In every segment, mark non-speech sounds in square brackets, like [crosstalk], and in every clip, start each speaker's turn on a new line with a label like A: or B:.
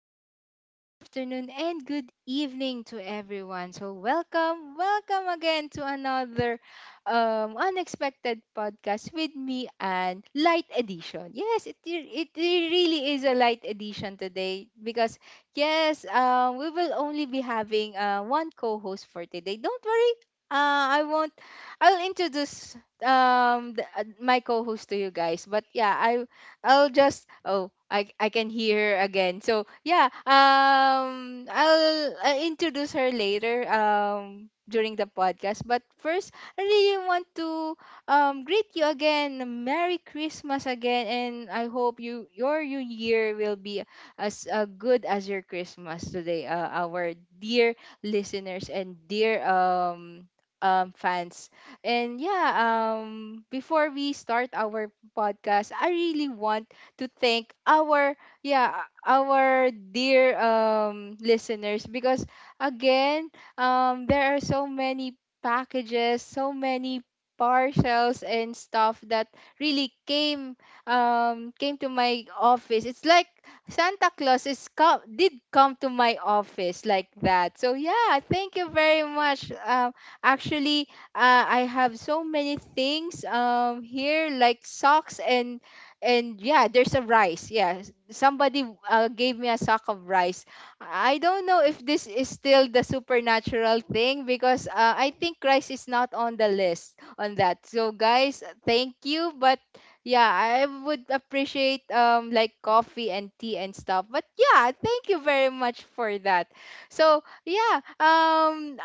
A: morning, good afternoon, and good evening to everyone. So, welcome again to another unexpected podcast with me and light edition. Yes, it really is a light edition today because yes, we will only be having one co-host for today. Don't worry, I won't. I'll introduce my co-host to you guys, but yeah, I I'll just oh I can hear her again. So yeah, I'll, I introduce her later during the podcast. But first, I really want to greet you again. Merry Christmas again, and I hope you your new year will be as good as your Christmas today. Our dear listeners and dear fans and yeah, before we start our podcast, I really want to thank our dear listeners because again, there are so many packages, so many parcels and stuff that really came to my office. It's like Santa Claus is come did come to my office like that. So yeah, thank you very much. Actually, I have so many things here like socks and yeah, there's a rice. Yeah, somebody gave me a sack of rice. I don't know if this is still the supernatural thing because I think rice is not on the list on that. So guys, thank you, but yeah, I would appreciate like coffee and tea and stuff. But yeah, thank you very much for that. So yeah um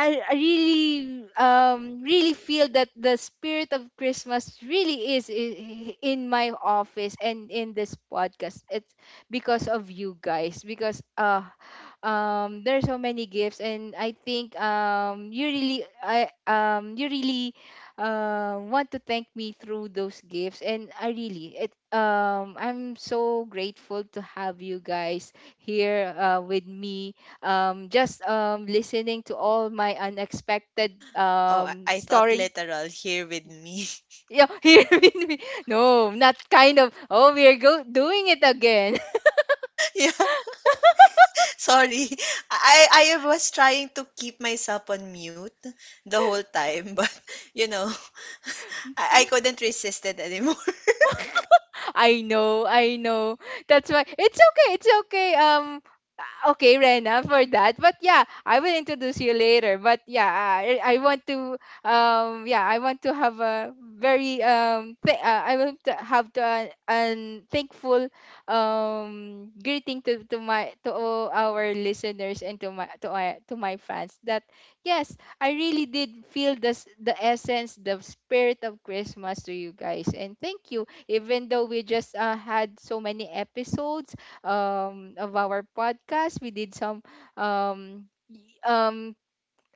A: I, I really really feel that the spirit of Christmas really is in my office and in this podcast it's because of you guys because there's so many gifts and I think you really want to thank me through those gifts and I really it I'm so grateful to have you guys here with me just listening to all my unexpected
B: Oh, I, I thought
A: storing
B: literal here with me.
A: yeah [laughs] here with me no not kind of oh we're go doing it again
B: [laughs] Yeah, sorry. I was trying to keep myself on mute the whole time, [laughs] but you know, I
A: [laughs]
B: couldn't resist it anymore. [laughs]
A: I know, I know. That's why it's okay, it's okay. Okay, Rena, for that. But yeah, I will introduce you later. But yeah, I want to yeah, I want to have a very I want to have to an thankful greeting to all our listeners and to my fans that yes, I really did feel this the essence, the spirit of Christmas to you guys. And thank you even though we just had so many episodes of our podcast we did some um, y- um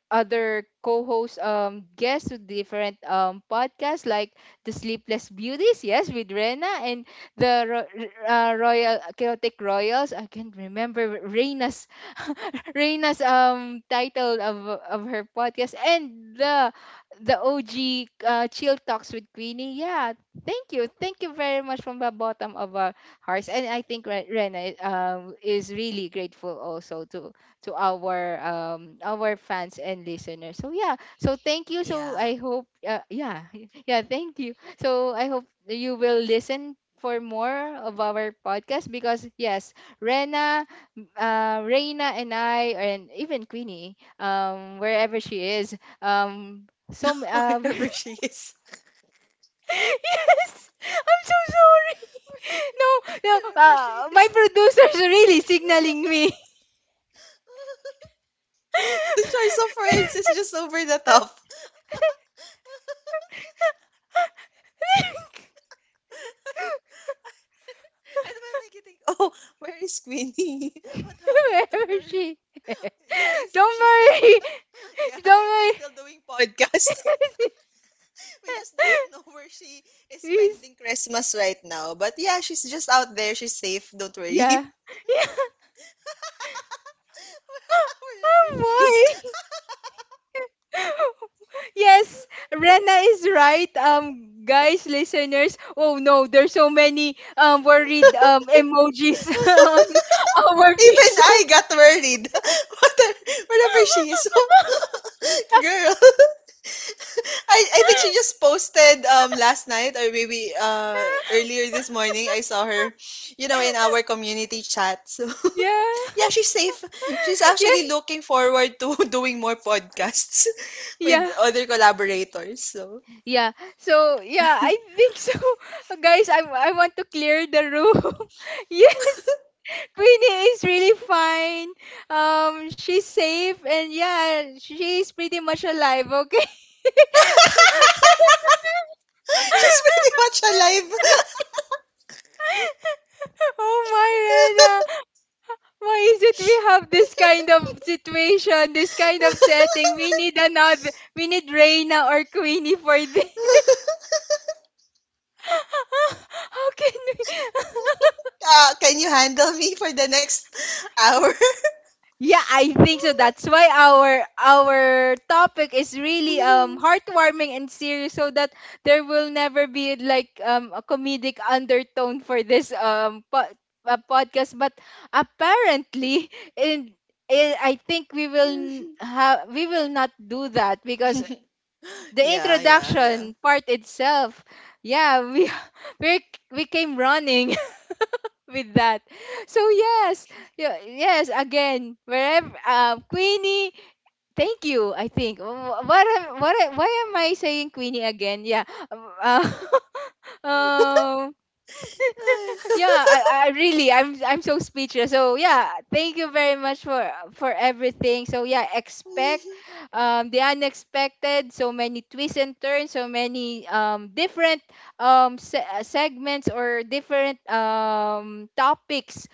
A: other co-hosts guests with different podcasts like the Sleepless Beauties, yes, with Rena and the Royal Chaotic Royals. I can't remember Rena's [laughs] Rena's title of her podcast and the OG Chill Talks with Queenie. Yeah, thank you very much from the bottom of our hearts, and I think Rena is really grateful also to our fans and listeners. So yeah, so thank you. So I
B: Yeah,
A: hope yeah [laughs] yeah thank you. So I hope that you will listen for more of our podcast because yes, Rena, Reina and I and even Queenie, wherever she is, [laughs] yes,
B: wherever she is.
A: I'm so sorry. [laughs] No, no,
B: Wherever she-
A: my producers are really signaling me.
B: [laughs] the choice of words is just over the top. [laughs]
A: [laughs]
B: And when I get think, oh, where is Queenie? [laughs] What happened
A: [laughs]
B: to
A: Wherever
B: her?
A: she
B: [laughs] Guys,
A: [laughs] Don't
B: she's safe.
A: worry. [laughs] Don't
B: She's
A: worry.
B: still doing podcast. We just don't [laughs] know
A: [laughs]
B: where she is
A: He's,
B: spending Christmas right now. But yeah, she's just out there. She's safe. Don't worry.
A: yeah.
B: [laughs]
A: [gasps] Oh
B: Wherever she is.
A: boy. [laughs] Yes, Rena is right. Guys, listeners. Oh no, there's so many worried emojis [laughs] on
B: [laughs]
A: our
B: Even I
A: Facebook.
B: got worried. [laughs] Whether- Wherever she is. [laughs] Girl, [laughs] I think she just posted last night or maybe earlier this morning. I saw her, you know, in
A: [laughs]
B: our community chat. So
A: yeah,
B: [laughs] she's she's
A: [laughs] yeah,
B: actually looking forward to [laughs] doing more podcasts [laughs] with
A: yeah.
B: other collaborators. So
A: Yeah. So yeah, I think so. [laughs] Guys, I want to clear the room. [laughs] yes. Queenie is really fine. She's safe and yeah, she's pretty much alive, okay? [laughs]
B: [laughs] she's pretty much alive.
A: oh my
B: [laughs]
A: Rena. Why is it we have this kind of situation, this kind of setting? We need Reina or Queenie for this. [laughs] How can
B: Can you handle me for the next hour?
A: we
B: [laughs]
A: [laughs] Yeah, I think so. That's why our topic is really heartwarming and serious, so that there will never be like a comedic undertone for this podcast. But apparently, [laughs] in, in I think we will not do that because the
B: Yeah, yeah, yeah.
A: introduction part itself, yeah, we [laughs] we we came running with that. So yes, yes. Again, wherever Queenie, thank you. I think why am I saying Queenie again? Yeah. Um, Uh, [laughs] um, yeah
B: [laughs]
A: I really I'm so speechless so yeah thank you very much for everything so yeah expect the unexpected so many twists and turns so many different segments or different topics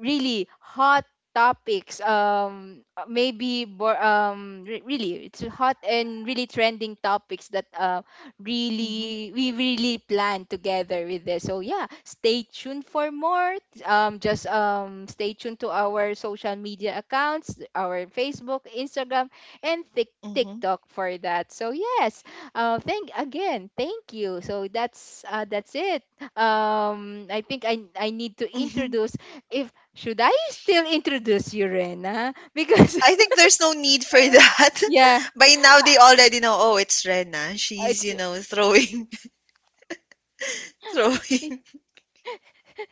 A: really hot topics maybe really it's hot and really trending topics that
B: Mhm,
A: really we really plan together with this so yeah stay tuned for more just stay tuned to our social media accounts our Facebook Instagram and
B: mhm,
A: TikTok for that so yes thank again thank you so that's it I think I need to
B: mhm.
A: introduce if should I still introduce you Rena [laughs] because
B: I think there's no need for that.
A: [laughs] yeah
B: [laughs] By now they already know, oh, it's Rena. She's,
A: it's
B: you know, throwing [laughs]
A: we-
B: throwing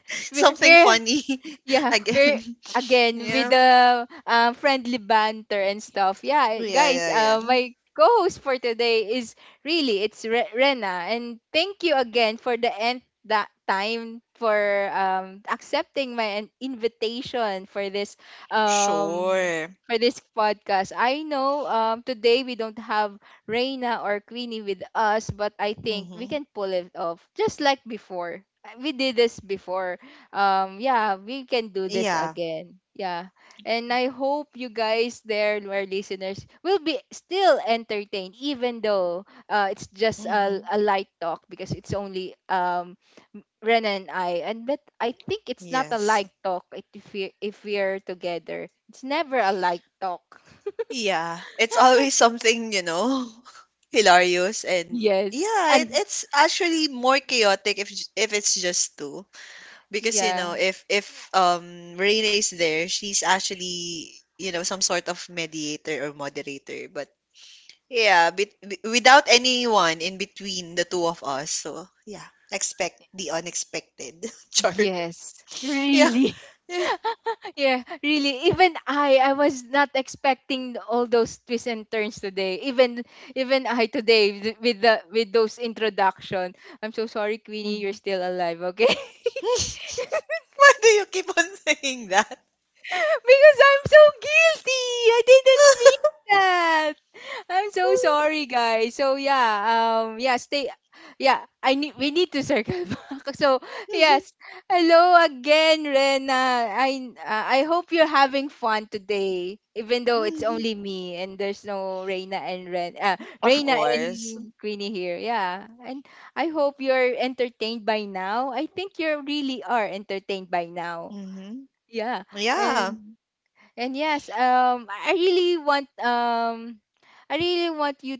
B: [laughs] something
A: we're
B: funny [laughs]
A: Yeah, we're
B: again.
A: again with
B: Yeah.
A: the friendly banter and stuff. Yeah,
B: Yeah,
A: guys,
B: yeah, yeah.
A: my co-host for today is really it's Rena, and thank you again for the end that time for accepting my invitation um
B: Sure.
A: for this podcast. I know today we don't have Reina or Queenie with us, but I think we
B: Hmm.
A: can pull it off just like before. We did this before yeah we can do this
B: Yeah.
A: again yeah and I hope you guys there our listeners will be still entertained even though it's just
B: Hmm.
A: a light talk because it's only Ren and I and but I think it's not a
B: Yes.
A: light talk if we if we're together it's never a light talk
B: Yeah, it's always [laughs] something, you know, [laughs] hilarious
A: [laughs]
B: and
A: yes
B: yeah, it,
A: and
B: it's actually more chaotic if it's just two because you
A: yeah
B: know if Reina is there, she's actually you know some sort of mediator or moderator, but yeah, without anyone in between the two of us, so yeah, expect the unexpected. [laughs] Char,
A: yes
B: yeah,
A: really [laughs]
B: yeah.
A: Yeah, really. Even I was not expecting all those twists and turns today. Even I today with the with those introduction. I'm so sorry, Queenie.
B: Hmm.
A: You're still alive, okay?
B: [laughs] Why do you keep on saying that?
A: [laughs] because I'm so guilty. I didn't mean that. I'm so sorry, guys. So yeah, yeah, stay. Yeah, I need we need to circle [laughs] back. So yes, hello again, Rena. I hope you're having fun today, even though it's
B: [laughs]
A: only me and there's no
B: Of
A: Reina
B: course.
A: and Queenie here. Yeah, and I hope you're entertained by now. I think you really are entertained by now.
B: Mm-hmm.
A: Yeah,
B: Yeah.
A: and and yes, I really want I really want you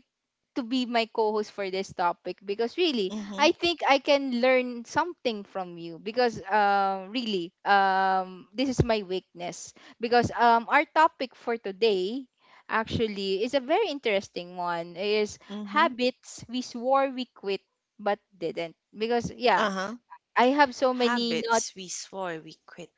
A: to be my co-host for this topic because really, I
B: Mm-hmm.
A: think I can learn something from you because really, this is my weakness because our topic for today actually is a very interesting one. Is
B: Mm-hmm.
A: habits we swore we quit but didn't because yeah,
B: Uh-huh.
A: I have so many not
B: Habits we swore we quit,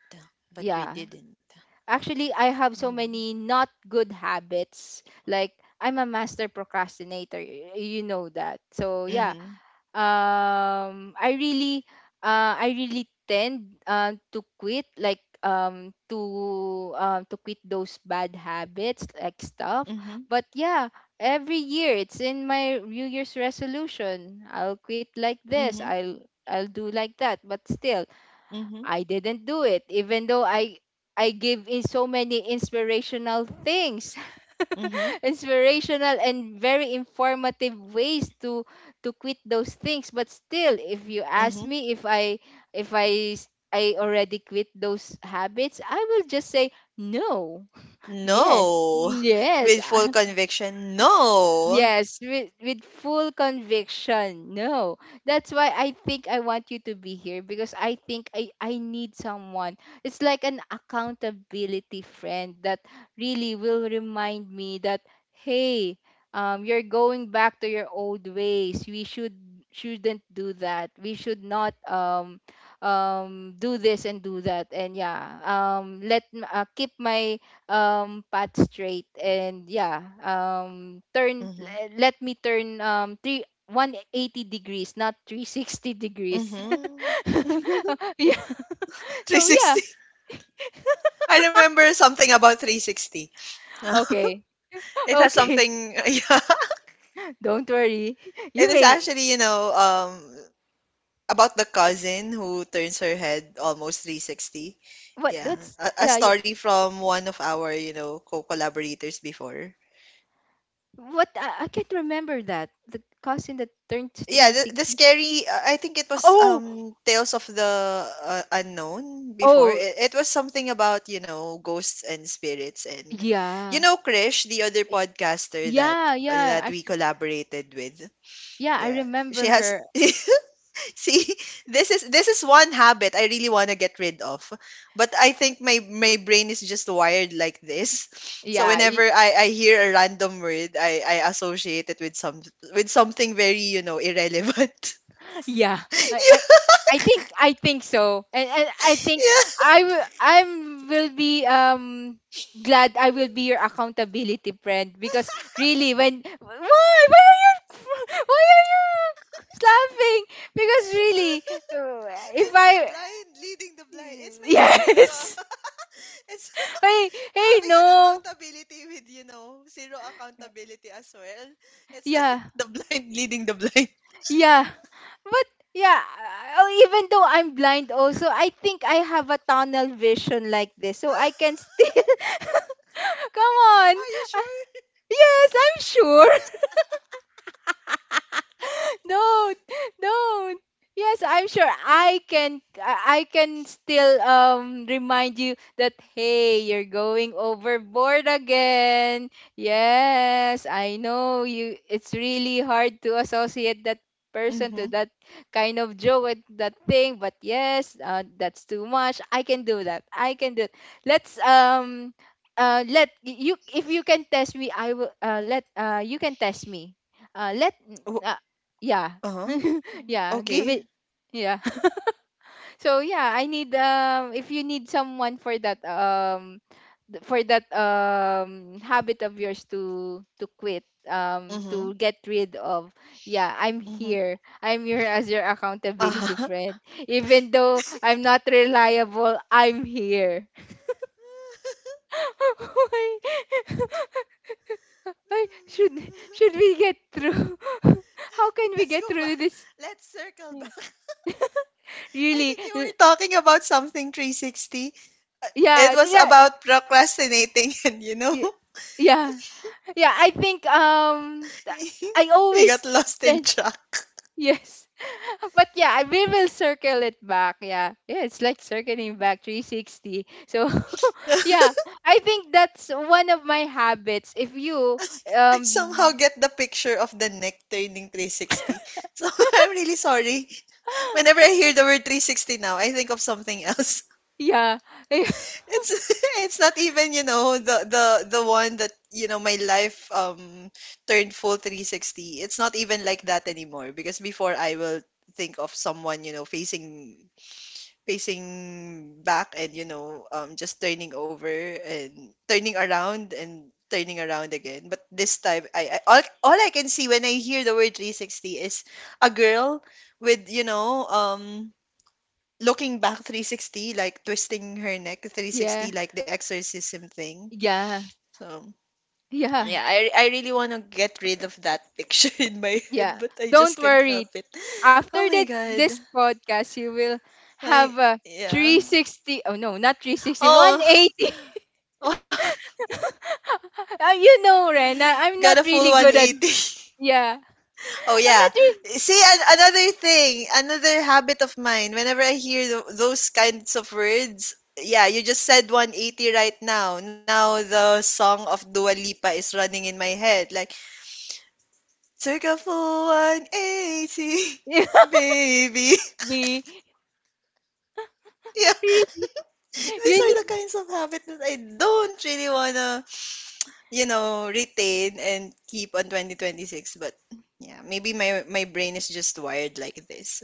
B: but we
A: yeah.
B: didn't.
A: Actually, I have so
B: Mm.
A: many not good habits. Like I'm a master procrastinator. You know that. So yeah,
B: Mm-hmm.
A: um, I really, I really tend to quit. Like to quit those bad habits, like stuff.
B: Mm-hmm.
A: But yeah, every year it's in my New Year's resolution. I'll quit like this.
B: Mm-hmm.
A: I'll do like that. But still,
B: Mm-hmm.
A: I didn't do it, even though I give in so many inspirational things,
B: Mm-hmm.
A: [laughs] inspirational and very informative ways to quit those things. But still, if you ask
B: Mm-hmm.
A: me if I already quit those habits, I will just say no. Yes,
B: No. [laughs]
A: yes.
B: With
A: [laughs]
B: full conviction, no.
A: Yes, with full conviction. No. That's why I think I want you to be here because I think I need someone. It's like an accountability friend that really will remind me that hey, you're going back to your old ways. We should Shouldn't do that. We should not do this and do that. And yeah, keep my path straight. And yeah, turn
B: Mhm,
A: let me turn three 180 degrees, not 360 degrees.
B: mhm.
A: [laughs] Yeah, so yeah.
B: 360. [laughs] I remember something about 360. [laughs]
A: Okay. [laughs]
B: It has
A: Okay,
B: something, [laughs] yeah.
A: don't worry. [laughs]
B: It
A: You
B: is
A: may.
B: actually, you know, about the cousin who turns her head almost 360.
A: What,
B: Yeah,
A: that's,
B: a
A: yeah, yeah.
B: story from one of our, you know, co-collaborators before.
A: What? I can't remember that, the cousin that turned
B: Yeah, the
A: 360.
B: scary, I think it was
A: Oh.
B: Tales of the Unknown before.
A: Oh,
B: It was something about, you know, ghosts and spirits and you
A: yeah,
B: know, Krish, the other podcaster
A: yeah, yeah.
B: that
A: I
B: we collaborated with.
A: Yeah, I
B: Yeah.
A: remember
B: She has
A: her.
B: [laughs] see, [laughs] this is one habit I really want to get rid of. But I think my brain is just wired like this. [laughs] So
A: Yeah.
B: whenever I hear a random word, I associate it with some with something very, you know, irrelevant.
A: Yeah, I think so, and I
B: [laughs]
A: think
B: Yeah.
A: I will be glad. I will be your accountability friend, because really when... why are you [laughs] why are you laughing? Because really, if
B: It's the
A: I...
B: blind leading the
A: [laughs]
B: blind. It's my favorite.
A: Yes.
B: [laughs] It's [laughs]
A: Hey, hey,
B: having an
A: no.
B: accountability with, you know, zero accountability as well. It's like
A: Yeah,
B: [laughs] the blind leading the blind.
A: yeah. But yeah, even though I'm blind also, I think I have a tunnel vision like this, so I can
B: [laughs]
A: still [laughs] come on.
B: Are you sure?
A: Yes, I'm sure. [laughs] Don't, don't. Yes, I'm sure. I can still remind you that hey, you're going overboard again. Yes, I know you, it's really hard to associate that person to
B: Mm-hmm.
A: that kind of joke and that thing, but yes, that's too much. I can do that. I can do it. Let's let you, if you can test me, I will, let, you can test me. Let uh, yeah.
B: Uh-huh.
A: [laughs] Yeah, give it.
B: Okay.
A: Yeah. [laughs] So yeah, I need, if you need someone for that, for that habit of yours, to quit,
B: Mhm.
A: to get rid of. Yeah,
B: Mhm.
A: I'm here as your accountability
B: Uh-huh.
A: friend. Even though I'm not reliable, I'm here.
B: [laughs]
A: [laughs] Why? Why should we get through [laughs] how can we
B: Let's
A: get
B: go
A: through
B: back.
A: this?
B: Let's circle back. [laughs]
A: [laughs]
B: I
A: Really,
B: think you were talking about something 360. Uh, It
A: yeah,
B: was
A: yeah.
B: about procrastinating, [laughs] and you know,
A: y- yeah, yeah, I think
B: [laughs]
A: I
B: we got
A: always...
B: lost in
A: then,
B: track.
A: yes. [laughs] But yeah, we will circle it back. Yeah, yeah, it's like circling back 360, so [laughs]
B: [laughs]
A: yeah, I think that's one of my habits. If you
B: I somehow
A: um
B: get the picture of the neck turning 360. [laughs] So I'm really sorry. Whenever I hear the word 360 now, I think of something else.
A: yeah. [laughs]
B: It's [laughs] it's not even, you know, the the one that, you know, my life turned full 360. It's not even like that anymore because before I will think of someone, you know, facing back and, you know, just turning over and turning around again. But this time all I can see when I hear the word 360 is a girl with, you know, looking back 360, like twisting her neck
A: Yeah,
B: 360, like the exorcism thing.
A: yeah,
B: So,
A: yeah.
B: yeah, I really want to get rid of that picture [laughs] in my head,
A: Yeah,
B: but I
A: don't
B: just can't help
A: worry.
B: it. Oh
A: After
B: my
A: that,
B: god.
A: this podcast, you will have
B: I,
A: a
B: yeah.
A: 360. Oh no, not three sixty, one
B: Oh,
A: eighty.
B: [laughs] oh
A: [laughs] You know, Ren, I'm
B: got a
A: not
B: full
A: really good at.
B: 180.
A: Yeah,
B: Oh
A: I'm
B: yeah.
A: not really.
B: See, another thing, another habit of mine. Whenever I hear those kinds of words, yeah, you just said 180 right now. Now the song of Dua Lipa is running in my head. Like took a full 180,
A: [laughs]
B: baby. [laughs]
A: We,
B: Yeah,
A: re-
B: these
A: you
B: are the
A: need.
B: kinds of habits that I don't really you know, retain and keep on 2026. But yeah, maybe my brain is just wired like this.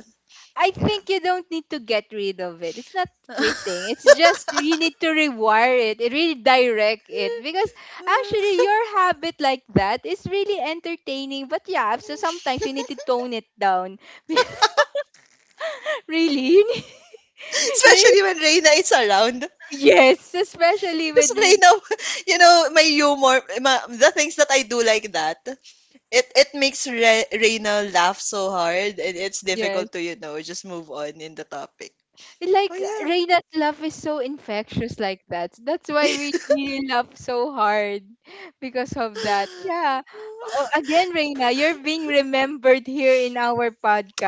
A: I
B: Yeah.
A: think you don't need to get rid of it. It's not quitting. It's just you need to rewire it, redirect it, because actually
B: [laughs]
A: your habit like that is really entertaining. But yeah, so sometimes you need to tone it down. [laughs] Really? [laughs] You're-
B: Especially when Reina is around.
A: yes, especially
B: Because
A: when you...
B: Reina, [laughs] you know, my humor, the things that I do like that. It makes Reina laugh so hard and it's
A: yes.
B: difficult to you know just move on in the topic. Oh
A: Like
B: yeah.
A: Reina's love is so infectious like that. That's why we really love so hard because of that. Yeah. Oh,
B: [laughs]
A: again, Reina, you're being remembered here in our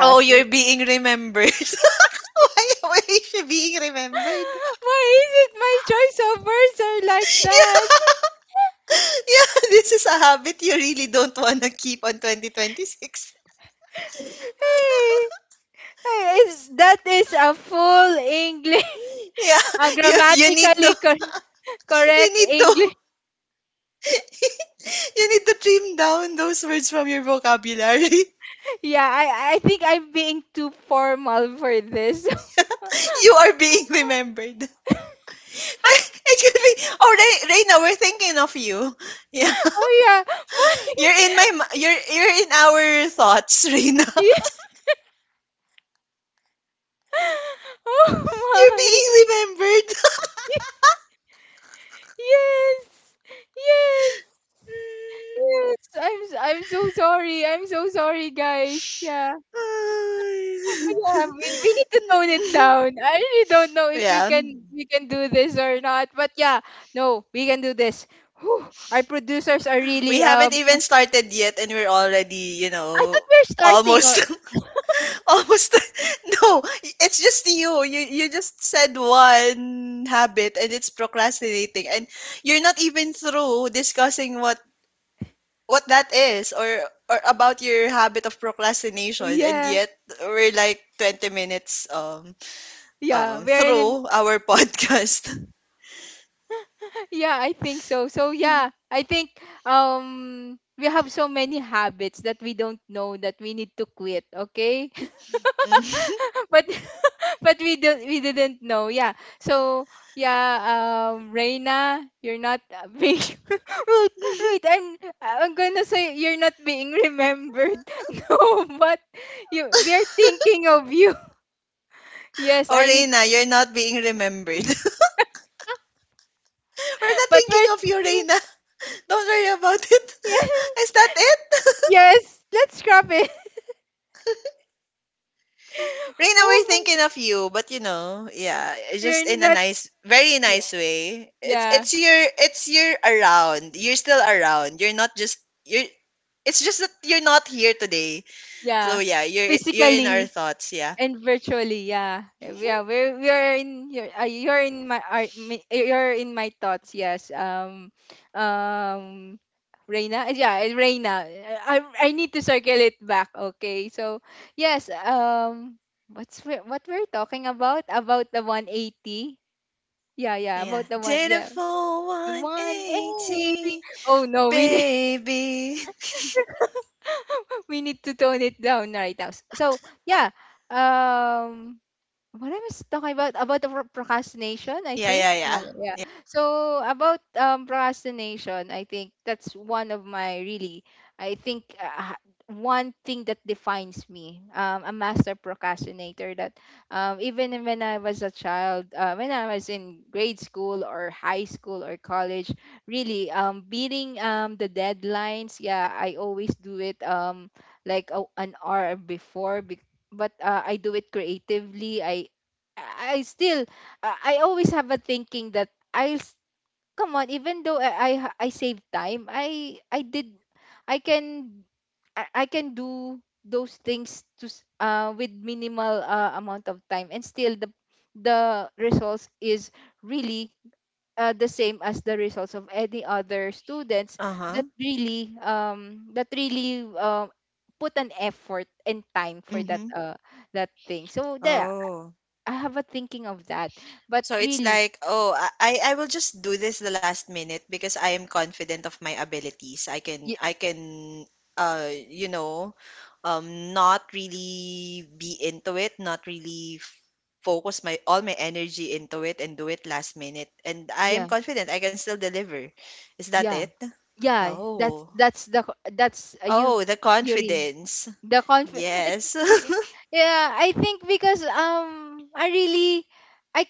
B: Oh,
A: [laughs] Why
B: you're being remembered. [laughs] Why is she being remembered?
A: is it my choice of words are like that?
B: [laughs] Yeah, this is a habit you really don't want to keep on 2026. [laughs]
A: Hey, hey, that is a full English,
B: Yeah,
A: [laughs] a
B: you you need
A: grammatically
B: to you
A: correct
B: need to
A: English.
B: [laughs] you need to trim down those words from your vocabulary.
A: Yeah, I think I'm being too formal for this.
B: [laughs] You are being remembered. [laughs] It could be. Oh, Reina, we're thinking of you. [laughs] Yeah,
A: [laughs] Oh yeah, my...
B: you're in our thoughts, Reina.
A: [laughs]
B: [laughs]
A: yeah. Oh
B: You're
A: my.
B: being remembered.
A: [laughs] Yes. Yes. Yes. I'm so sorry. I'm so sorry, guys. Yeah. Oh yeah,
B: [laughs]
A: we need to tone it down. I really don't know if we
B: Yeah,
A: can do this or not, but yeah, no, we can do this. Whew, our producers are
B: we
A: really
B: haven't even started yet, and we're already, you
A: I thought
B: know,
A: we're starting,
B: almost,
A: or...
B: [laughs] almost. [laughs] No, it's just you. You just said one habit, and it's procrastinating, and you're not even through discussing what that is or about your habit of procrastination and
A: yeah.
B: yet we're like 20 minutes
A: Yeah, we're in...
B: through our [laughs] podcast.
A: yeah, I think so. So
B: Mm.
A: yeah, I think we have so many habits that we don't know that we need to quit, okay?
B: [laughs]
A: [laughs] But [laughs] but we didn't know. Yeah. So yeah, Reina, you're not, being [laughs] wait, wait, I'm gonna say you're not being remembered. [laughs] No, but you we are thinking of you. [laughs] Yes,
B: Oh
A: I need,
B: Reina, you're not being remembered. [laughs] We're not
A: but
B: thinking
A: we're
B: of you,
A: [laughs]
B: Reina. [laughs] Don't worry about it.
A: yes,
B: [laughs] Is that it?
A: yes, let's scrap it. [laughs]
B: Reina, we're
A: Oh my,
B: thinking of you, but you know, yeah, it's just
A: you're
B: in a
A: not
B: nice very nice way.
A: yeah,
B: It's your around you're still around. You're not just you're It's just that you're not here today. So
A: yeah.
B: yeah, you're in our
A: Physically
B: thoughts, yeah.
A: and virtually, yeah.
B: Mhm.
A: Yeah, we're in your, you're in my, you're in my thoughts. Yes. Um Reina. Yeah, Reina. I need to circle it back, okay? So yes, what we're talking about the 180? Yeah, yeah,
B: Yeah.
A: about the one,
B: Did a
A: yeah.
B: full
A: The 180.
B: 180,
A: Oh no, we
B: baby. [laughs]
A: [laughs] we need to tone it down right now. So yeah, um, what I was talking about the procrastination, I
B: Yeah,
A: think.
B: yeah,
A: Yeah,
B: yeah.
A: yeah, yeah. So about, procrastination, I think that's one of my, really, I think, ha- one thing that defines me. A master procrastinator. That, even when I was a child, when I was in grade school or high school or college, really, beating, the deadlines. Yeah, I always do it, like an hour before. But I do it creatively. I still, I always have a thinking that come on, even though I save time, I can I can do those things to, with minimal, amount of time, and still the results is really, the same as the results of any other students
B: Uh huh.
A: that really that really put an effort and time for that,
B: Mhm.
A: that thing. So there,
B: Oh,
A: I have a thinking of that. But
B: so it's
A: really,
B: like, oh, I will just do this the last minute because I am confident of my abilities.
A: y-
B: I can you know not really be into it, not really focus my all my energy into it and do it last minute. And I am
A: yeah,
B: confident I can still deliver. Is that
A: yeah,
B: it?
A: yeah,
B: Oh.
A: that's the that's, you,
B: Oh, the
A: really,
B: confidence.
A: the conf... it's,
B: Yes.
A: y-
B: [laughs]
A: yeah, I think because I really, i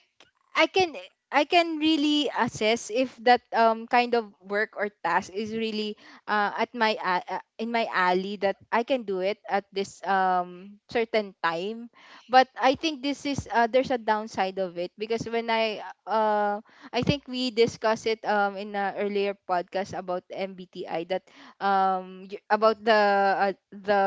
A: I can I can really assess if that kind of work or task is really, in my alley, that I can do it at this certain time. But I think this is, there's a downside of it, because when I think we discussed it in an earlier podcast about MBTI, that about the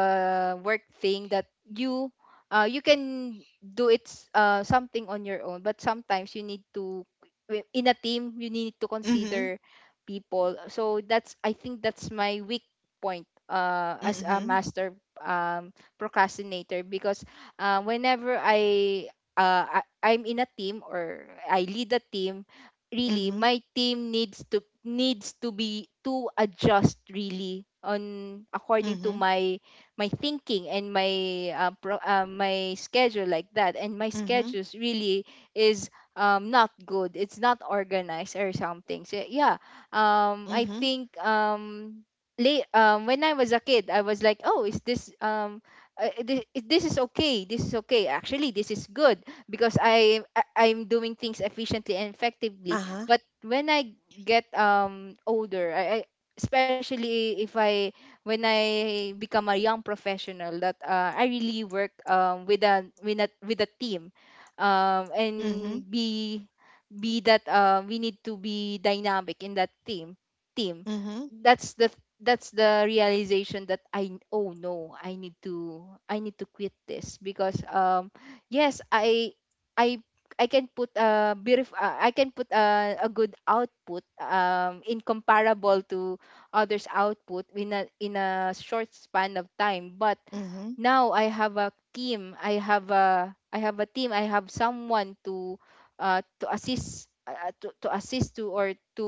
A: work thing that you can do it, something on your own, but sometimes you need to, in a team you need to
B: Mhm.
A: consider people. So that's, I think that's my weak point, as a
B: Mhm.
A: master, um, procrastinator, because whenever I'm in a team or I lead a team, really
B: Mhm.
A: my team needs to, be, to adjust really, on, according to
B: Mhm.
A: my thinking and my, my schedule, like that. And my
B: Mhm.
A: schedules really is, not good, it's not organized or something. So yeah, I
B: Mhm.
A: think, late, when I was a kid I was like, oh, is this, this is okay, this is okay, actually this is good, because I'm doing things efficiently and effectively.
B: Uh-huh.
A: But when I get, older, I especially if I when I become a young professional, that I really work, with a with a team, and
B: Mhm.
A: be, that, we need to be dynamic in that team.
B: Mhm.
A: That's the, realization that I... oh no, I need to, quit this, because yes, I I can put a beautiful, I can put a good output, in comparable to others' output in a short span of time. But
B: Mhm.
A: now I have a team. I have a team. I have someone to, to assist, to assist to, or to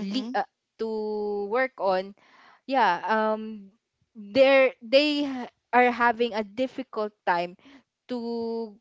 A: lead, to work on. Yeah. They they are having a difficult time to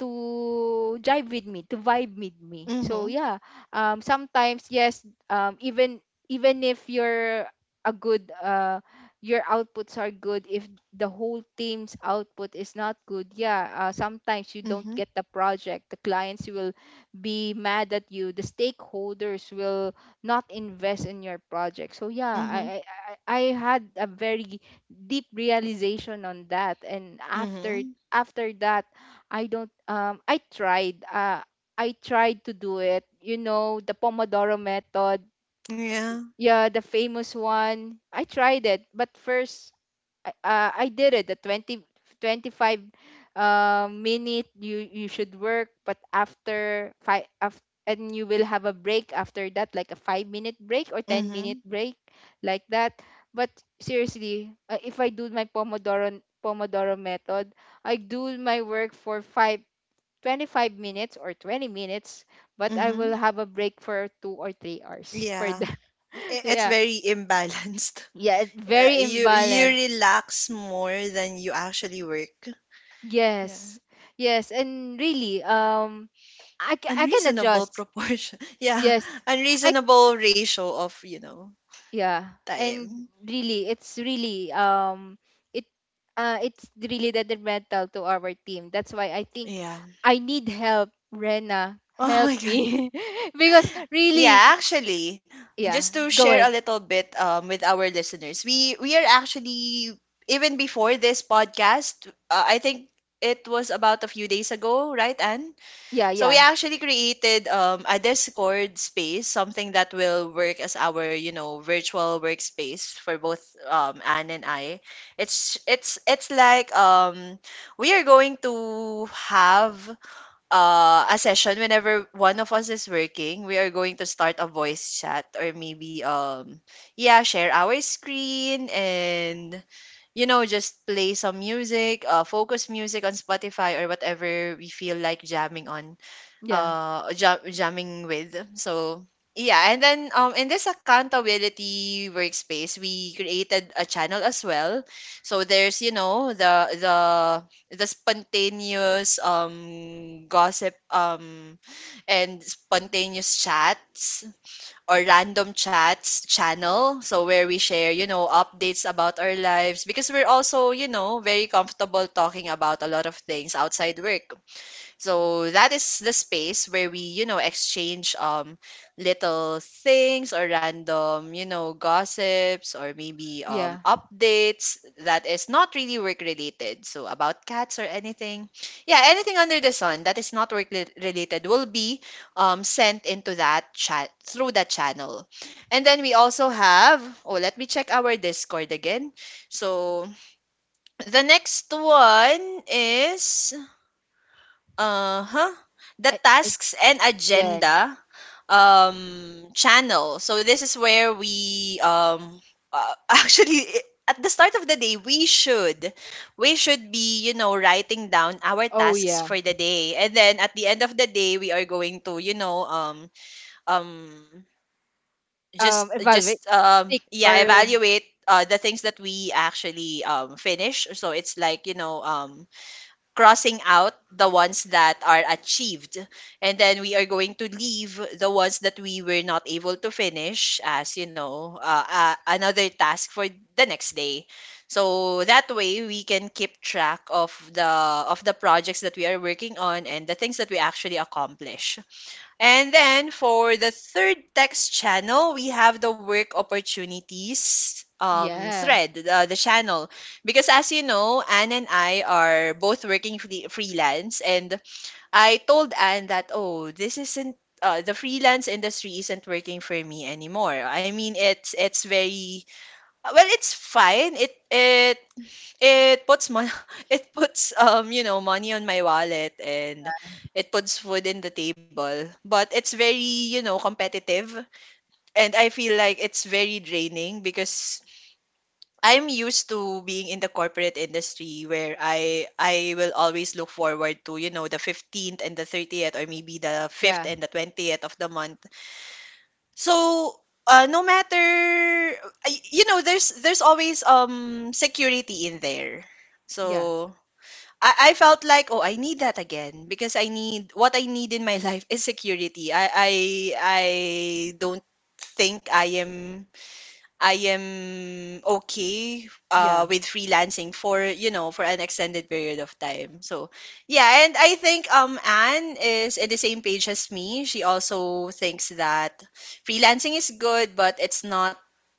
A: jive with me, to vibe with me, so
B: Mhm.
A: yeah. Sometimes, yes, even, if you're a good, your outputs are good, if the whole team's output is not good, yeah, sometimes you don't
B: Mhm.
A: get the project, the clients will be mad at you, the stakeholders will not invest in your project. So yeah,
B: Mhm.
A: I had a very deep realization on that. And after,
B: Mhm.
A: that, I don't I tried, I tried to do it, you know, the Pomodoro method.
B: Yeah.
A: Yeah, the famous one. I tried it, but first, I did it, the twenty twenty five 25, minute, you should work, but after five, and you will have a break after that, like a 5-minute break or 10
B: Mhm.
A: minute break like that. But seriously, if I do my pomodoro method, I do my work for 5 25 minutes or 20 minutes, but I
B: Mhm.
A: will have a break for 2 or 3 hours for
B: Yeah.
A: that.
B: I-
A: [laughs]
B: It's
A: Yeah,
B: very imbalanced. [laughs]
A: yeah, it's very
B: You
A: imbalanced.
B: relax more than you actually work. Yeah.
A: Yes. Yes, and really, I can
B: Unreasonable
A: adjust.
B: proportion. [laughs] Yeah.
A: Yes. I
B: Unreasonable ratio of, you know,
A: Yeah, and
B: time.
A: really it's really, it it's really detrimental to our team. That's why I think
B: Yeah.
A: I need help, Rena.
B: Oh
A: Help
B: my god.
A: me. [laughs] Because really...
B: Yeah, actually, just
A: yeah,
B: to
A: go
B: share a
A: ahead.
B: little bit with our listeners, we are actually even before this podcast, I think it was about a few days ago, right, Anne?
A: Yeah,
B: So we
A: yeah.
B: actually created a Discord space, something that will work as our you know virtual workspace for both Anne and I. It's like we are going to have a session whenever one of us is working, we are going to start a voice chat or maybe yeah, share our screen and you know just play some music, uh, focus music on Spotify or whatever we feel like jamming on
A: Yeah.
B: jamming with, so yeah, and then in this accountability workspace we created a channel as well, so there's you know the spontaneous gossip and spontaneous chats or random chats channel, so where we share you know updates about our lives because we're also you know very comfortable talking about a lot of things outside work, so that is the space where we, you know, exchange little things or random, you know, gossips or maybe
A: Yeah.
B: um updates that is not really work related. So about cats or anything. Yeah, anything under the sun that is not work related will be sent into that chat through that channel. And then we also have, oh, let me check our Discord again. So the next one is uh-huh the
A: I, I,
B: tasks and
A: yeah.
B: agenda um channel. So this is where we [laughs] at the start of the day we should be, you know, writing down our
A: Oh
B: tasks
A: yeah.
B: for the day, and then at the end of the day we are going to, you know, um
A: Um, evaluate,
B: just
A: pick,
B: yeah,
A: or...
B: evaluate the things that we actually finish. So it's like, you know, crossing out the ones that are achieved, and then we are going to leave the ones that we were not able to finish as, you know, another task for the next day. So that way we can keep track of the projects that we are working on and the things that we actually accomplish. And then for the third text channel, we have the work opportunities
A: yeah.
B: thread, the channel. Because as you know, Anne and I are both working freelance. And I told Anne that, oh, this isn't. The freelance industry isn't working for me anymore. I mean, it's very well. It's fine. It it puts mon [laughs] it puts you know, money on my wallet, and it puts food in the table. But it's very, you know, competitive, and I feel like it's very draining because I'm used to being in the corporate industry, where I will always look forward to, you know, the 15th and the 30th, or maybe the 5th
A: Yeah.
B: and the 20th of the month. So, no matter you know, there's always security in there.
A: Yeah.
B: So, I felt like, oh, I need that again, because I need what I need in my [laughs] life is security. I don't think I am okay
A: Yeah.
B: with freelancing for, you know, for an extended period of time. So yeah, and I think Anne is in the same page as me. She also thinks that freelancing is good, but it's not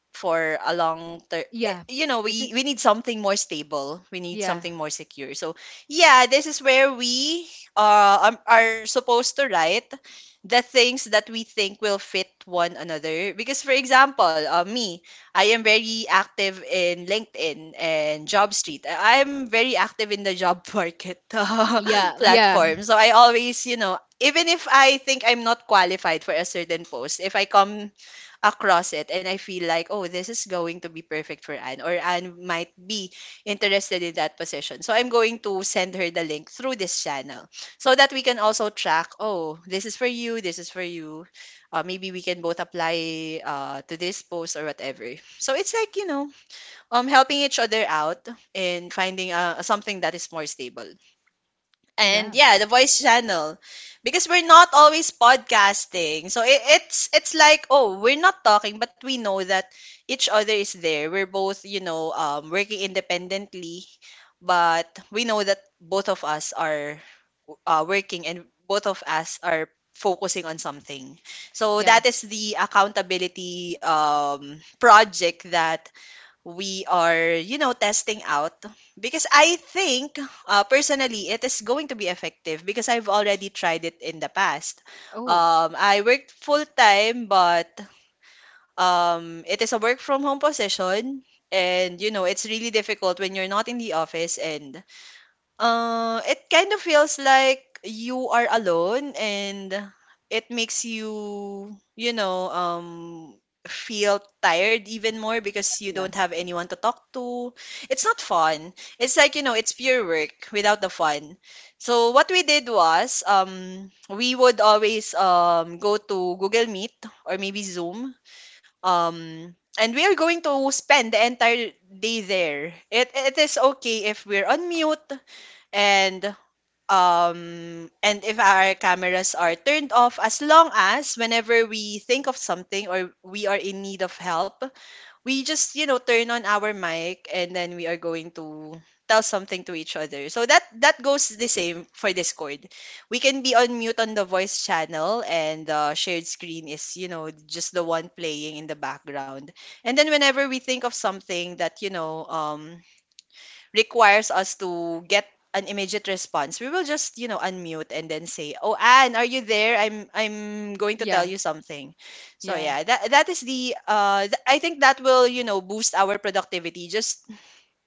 B: for a long term.
A: Yeah.
B: You know,
A: It's
B: we
A: in...
B: we need something more stable, we need
A: yeah.
B: something more secure. So yeah, this is where we are supposed to write the things that we think will fit one another, because for example, me, I am very active in LinkedIn and Job Street. I'm very active in the job [laughs] market,
A: Yeah, yeah.
B: platform. So I always, you know, even if I think I'm not qualified for a certain post, if I come across it and I feel like, oh, this is going to be perfect for Anne, or Anne might be interested in that position. So I'm going to send her the link through this channel so that we can also track, oh, this is for you, this is for you. Maybe we can both apply to this post or whatever. So it's like, you know, helping each other out and finding something that is more stable. And
A: Yeah.
B: yeah, the voice channel, because we're not always podcasting. So it's like, oh, we're not talking, but we know that each other is there. We're both, you know, working independently, but we know that both of us are working, and both of us are focusing on something. So
A: Yeah.
B: that is the accountability project that we are, you know, testing out, because I think personally it is going to be effective, because I've already tried it in the past.
A: Oh.
B: I worked full time, but it is a work from home position, and you know, it's really difficult when you're not in the office, and it kind of feels like you are alone, and it makes you, you know, feel tired even more because you
A: Yeah.
B: don't have anyone to talk to. It's not fun. It's like, you know, it's pure work without the fun. So what we did was, we would always go to Google Meet or maybe Zoom. And we are going to spend the entire day there. It is okay if we're on mute, and and if our cameras are turned off, as long as whenever we think of something or we are in need of help, we just, you know, turn on our mic, and then we are going to tell something to each other. So that goes the same for Discord. We can be on mute on the voice channel, and the shared screen is, you know, just the one playing in the background. And then whenever we think of something that, you know, requires us to get an immediate response, we will just, you know, unmute and then say, "Oh, Anne, are you there? I'm going to tell
A: Yeah.
B: you something." So
A: Yeah.
B: yeah, that is the I think that will, you know, boost our productivity, just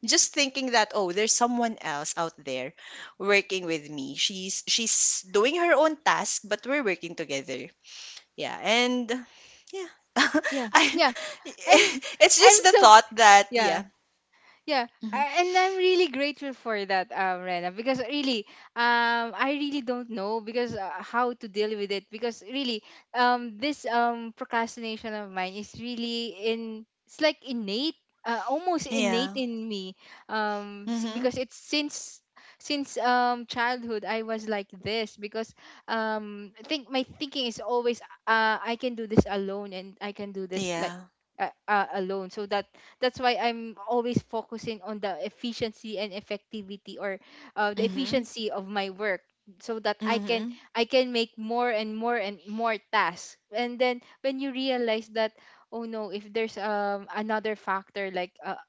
B: thinking that, "Oh, there's someone else out there working with me. She's doing her own task, but we're working together." Yeah, and yeah. [laughs]
A: Yeah.
B: I
A: Yeah. And
B: [laughs] it's
A: I'm
B: just the
A: so...
B: thought that
A: yeah.
B: yeah.
A: Yeah,
B: Mhm.
A: and I'm really grateful for that, Rena, because really, I really don't know, because, how to deal with it, because really, this procrastination of mine is really in it's like innate, almost innate
B: Yeah.
A: in me,
B: Hmm.
A: because it's since, childhood I was like this, because I think my thinking is always, I can do this alone, and I can do this like,
B: Yeah.
A: alone, so that, that's why I'm always focusing on the efficiency and effectivity, or the
B: Mhm,
A: efficiency of my work, so that
B: mhm,
A: I can make more and more and more tasks. And then when you realize that, oh no, if there's another factor, like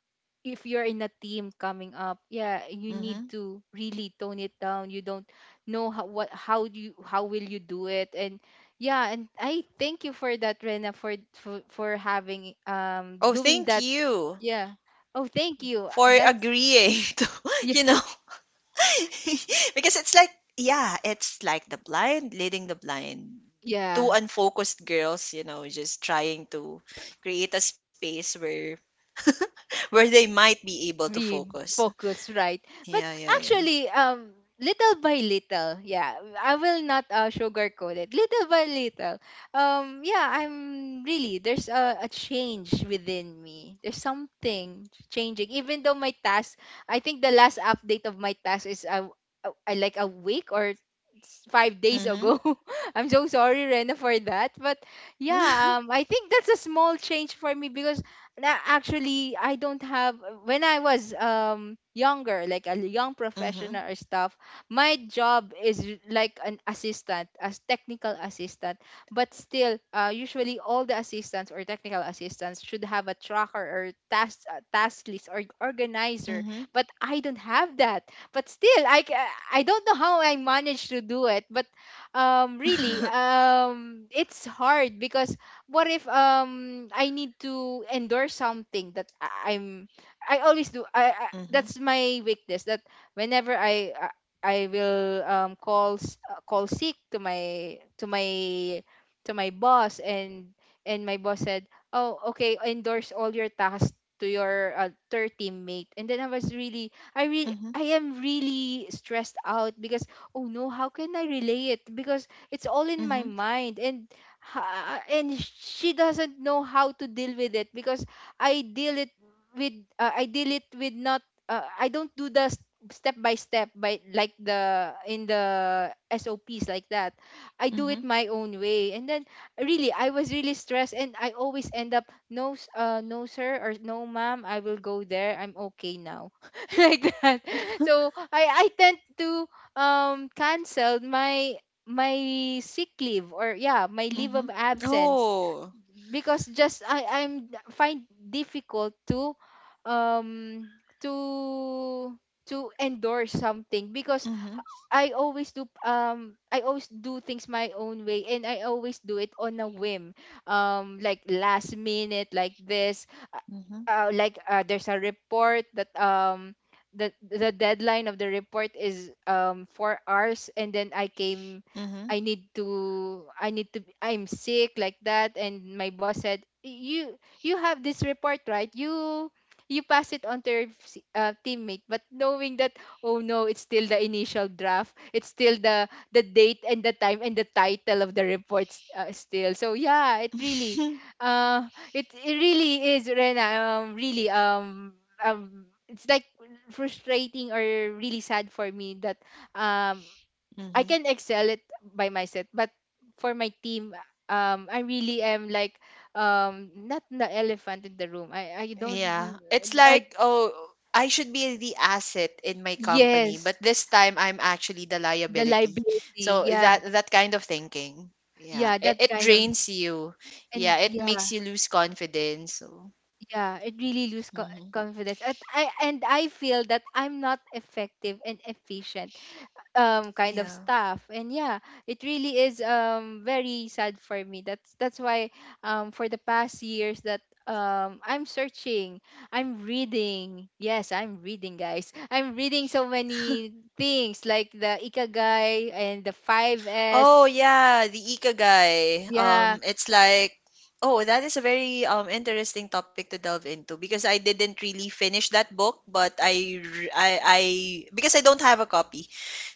A: if you're in a team coming up, yeah, you need
B: mhm.
A: to really tone it down. You don't know how what how do you how will you do it. And yeah, and I thank you for that, Rena, for for having
B: Oh,
A: doing
B: thank
A: that,
B: you
A: yeah. Oh, thank you.
B: for
A: That's
B: agreeing [laughs] to,
A: yeah,
B: you know, [laughs] because it's like, yeah, it's like the blind leading the blind. Two
A: yeah.
B: unfocused girls, you know, just trying to create a space where they might be able to
A: We
B: focus.
A: focus, right? But
B: Yeah, yeah, yeah.
A: actually, little by little, yeah, I will not sugarcoat it, little by little. Yeah, I'm really, there's a change within me, there's something changing, even though my task, I think the last update of my task is like a week or 5 days
B: Mhm.
A: ago. [laughs] I'm so sorry, Rena, for that. But yeah,
B: Mhm.
A: I think that's a small change for me, because actually, I don't have, when I was younger, like a young professional
B: Mhm.
A: or stuff, my job is like an assistant, as technical assistant. But still usually all the assistants or technical assistants should have a tracker or task, task list or organizer.
B: Mhm.
A: But I don't have that. But still, I I don't know how I managed to do it. But really, it's hard because what if I need to endorse something that I'm, I always do. I, that's my weakness, that whenever I will call sick to my to my boss. And my boss said, oh, okay, endorse all your tasks to your third teammate. And then I was really, I really,
B: Mhm.
A: I am really stressed out because, oh no, how can I relay it, because it's all in my
B: Mhm.
A: mind. And and she doesn't know how to deal with it, because I deal it with, I deal it with not, I don't do the step by step, by like, the, in the SOPs, like that. I
B: Mhm.
A: do
B: Mhm.
A: it my own way. And then really, I was really stressed, and I always end up, no no sir, or no ma'am, I will go there, I'm okay now. [laughs] Like that. So I tend to cancel my sick leave, or yeah, my leave of
B: [laughs] [laughs]
A: absence,
B: Oh.
A: because just I I'm find difficult to um to to endorse something, because
B: Mhm.
A: I always do, I always do things my own way, and I always do it on a whim. Like last minute, like this, uh,
B: Mhm.
A: like there's a report that the deadline of the report is 4 hours. And then I came,
B: Mhm.
A: I need to, I need to, I'm sick, like that. And my boss said, you, have this report, right? You pass it on to your teammate, but knowing that, oh no, it's still the initial draft. It's still the date and the time and the title of the reports, still. So yeah, it really, it really is, Rena, really, it's like frustrating, or really sad for me, that um I
B: Mhm.
A: can
B: [laughs]
A: excel it by myself, but for my team, I really am like, not the elephant in the room. I
B: Yeah.
A: don't,
B: It's
A: I,
B: like, oh, I should be the asset in my company,
A: yes,
B: but this time I'm actually the
A: the
B: liability.
A: liability.
B: So
A: Yeah.
B: that kind of thinking. Yeah.
A: Yeah,
B: It,
A: that
B: it
A: kind of,
B: drains you. Yeah,
A: and
B: it makes
A: yeah,
B: you lose confidence. So,
A: yeah, it really lose
B: mhm.
A: confidence. And I feel that I'm not effective and efficient, kind of
B: Yeah.
A: stuff, and yeah, it really is very sad for me. That's why, for the past years that I'm searching, I'm reading. Yes, I'm reading, guys, I'm reading so many things, like the ikigai and the Five
B: Oh
A: S.
B: yeah, the ikigai.
A: Yeah.
B: It's like, oh, that is a very interesting topic to delve into, because I didn't really finish that book, but I, because I don't have a copy,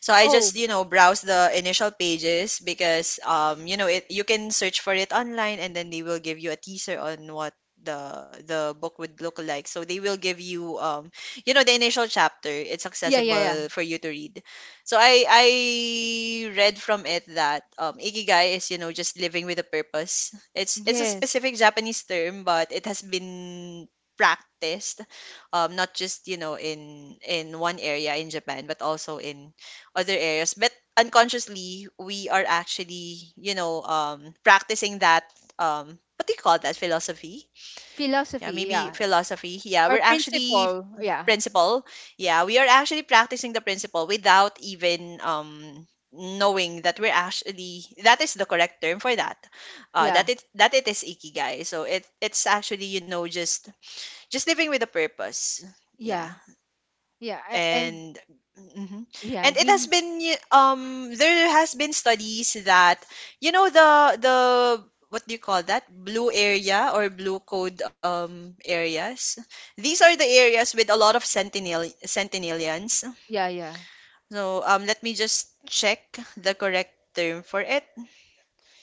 B: so I
A: Oh,
B: just, you know, browse the initial pages, because you know, it, you can search for it online, and then they will give you a teaser on what the book would look like. So they will give you you know, the initial chapter. It's
A: yeah, yeah. Yeah.
B: accessible for you to read. So I read from it that ikigai is, you know, just living with a purpose. It's a
A: Yes,
B: specific Japanese term, but it has been practiced not just, you know, in one area in Japan, but also in other areas. But unconsciously, we are actually, you know, practicing that what do you call that philosophy? Yeah,
A: philosophy.
B: maybe
A: Yeah.
B: philosophy. Yeah, we're
A: Or
B: actually
A: principle. Yeah,
B: principle. Yeah, we are actually practicing the principle without even knowing that we're actually that is the correct term for that.
A: yeah,
B: That it is ikigai. So it's actually, you know, just living with a purpose. Yeah
A: yeah, yeah. And
B: and mhm.
A: yeah,
B: And it has
A: really.
B: been there has been studies that, you know, the what do you call that blue area or blue code areas? These are the areas with a lot of sentinelians.
A: Yeah, yeah,
B: So let me just check the correct term for it.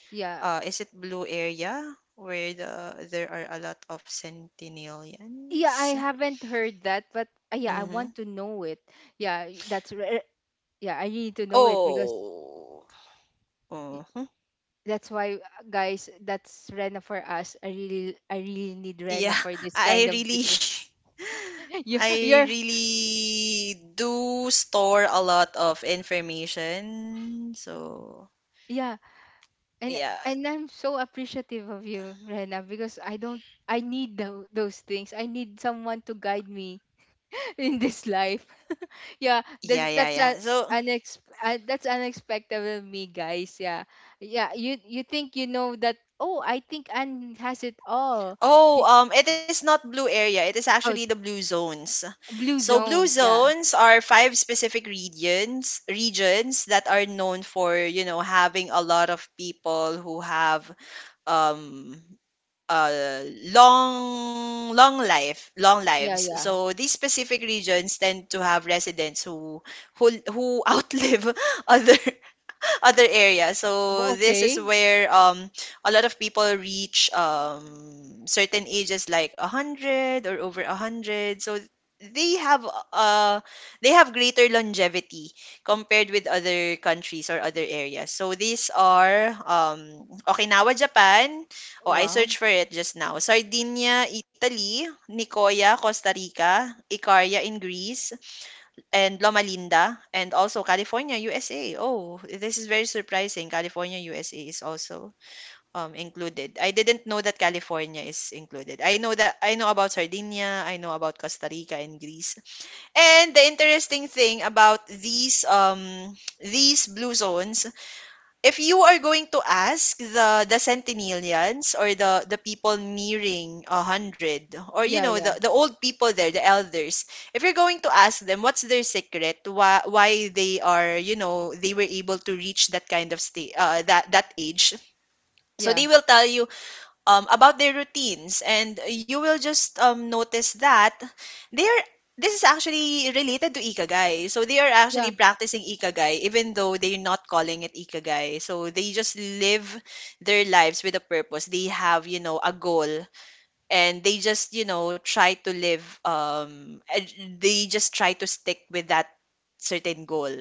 A: yeah.
B: Is it blue area, where there are a lot of
A: Yeah, I
B: sentinelians?
A: haven't heard that. But yeah, I
B: Mm-hmm.
A: want to know it. Yeah. That's yeah, I need to know it, because
B: Oh.
A: y-
B: Mm-hmm.
A: that's why, guys, that's Rena for us. I really need Rena
B: Yeah,
A: for this kind
B: I
A: of
B: really
A: situation.
B: [laughs]
A: [laughs] You,
B: I
A: you're,
B: really do store a lot of information. So,
A: yeah. And
B: yeah.
A: I'm so appreciative of you, Rena, because I don't, I need those things. I need someone to guide me in this life. [laughs] Yeah,
B: Yeah, yeah,
A: that's
B: yeah.
A: a
B: So,
A: unex that's unexpected with me, guys. Yeah, yeah. You think you know that? Oh, I think Anne has it all. She,
B: oh, it is not blue area. It is actually
A: oh,
B: the
A: it's
B: blue zones.
A: blue
B: So, blue
A: zones. Yeah,
B: zones are five specific regions that are known for, you know, having a lot of people who have um uh, long long life long
A: yeah,
B: lives.
A: yeah.
B: So these specific regions tend to have residents who who [laughs] outlive other [laughs] other area.
A: Well,
B: So this
A: okay.
B: is where a lot of people reach certain ages like a hundred or over a hundred. So they have uh they have greater longevity compared with other countries or other areas. So these are Okinawa, Japan. Oh, I
A: Wow.
B: searched for it just now. Sardinia, Italy. Nicoya, Costa Rica. Icaria in Greece, and Loma Linda, and also California, USA. Oh, this is very surprising. California, USA is also included. I didn't know that California is included. I know that I know about Sardinia. I know about Costa Rica and Greece. And the interesting thing about these blue zones, if you are going to ask the centenarians, or the people nearing a hundred, or you
A: Yeah,
B: know,
A: yeah,
B: the old people there, the elders, if you're going to ask them what's their secret, why they are, you know, they were able to reach that kind of state, that age. So
A: yeah,
B: they will tell you about their routines. And you will just notice that they are this is actually related to ikigai. So they are
A: yeah,
B: actually practicing ikigai even though they're not calling it ikigai. So they just live their lives with a purpose. They have, you know, a goal, and they just, you know, try to live and they just try to stick with that certain goal,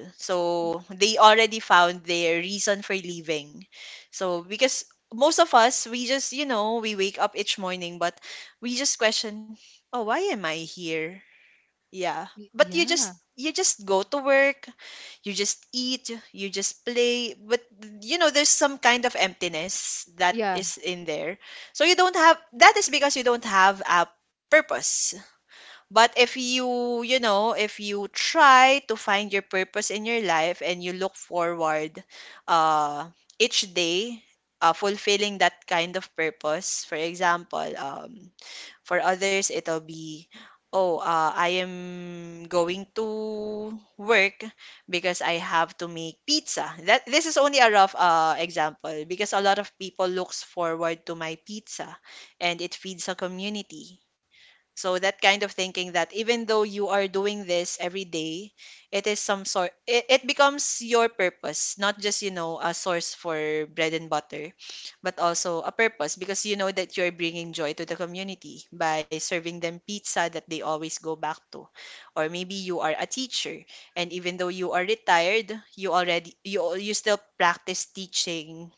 A: y-
B: so they already found their reason for leaving. So because most of us, we just, you know, we wake up each morning, but we just question, oh, why am I here? Yeah. But you just
A: yeah,
B: go to work, you just eat, you just play, but you know, there's some kind of emptiness that
A: yeah,
B: is in there. So you don't have that is because you don't have a purpose. But if you, you know, if you try to find your purpose in your life and you look forward uh each day fulfilling that kind of purpose. For example, for others, it'll be, oh, I am going to work because I have to make pizza. That this is only a rough example because a lot of people looks forward to my pizza, and it feeds a community. So that kind of thinking that even though you are doing this every day, it is some sort it becomes your purpose, not just, you know, a source for bread and butter, but also a purpose because you know that you're bringing joy to the community by serving them pizza that they always go back to. Or maybe you are a teacher, and even though you are retired, you still practice teaching,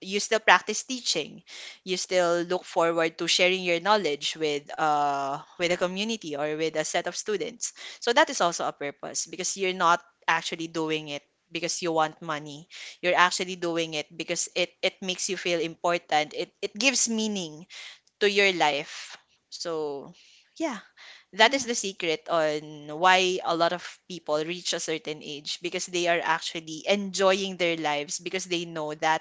B: you still practice teaching you still look forward to sharing your knowledge with a community or with a set of students. So that is also a purpose because you're not actually doing it because you want money. You're actually doing it because it makes you feel important. It gives meaning to your life. So yeah, that is
A: yeah.
B: the secret on why a lot of people reach a certain age, because they are actually enjoying their lives because they know that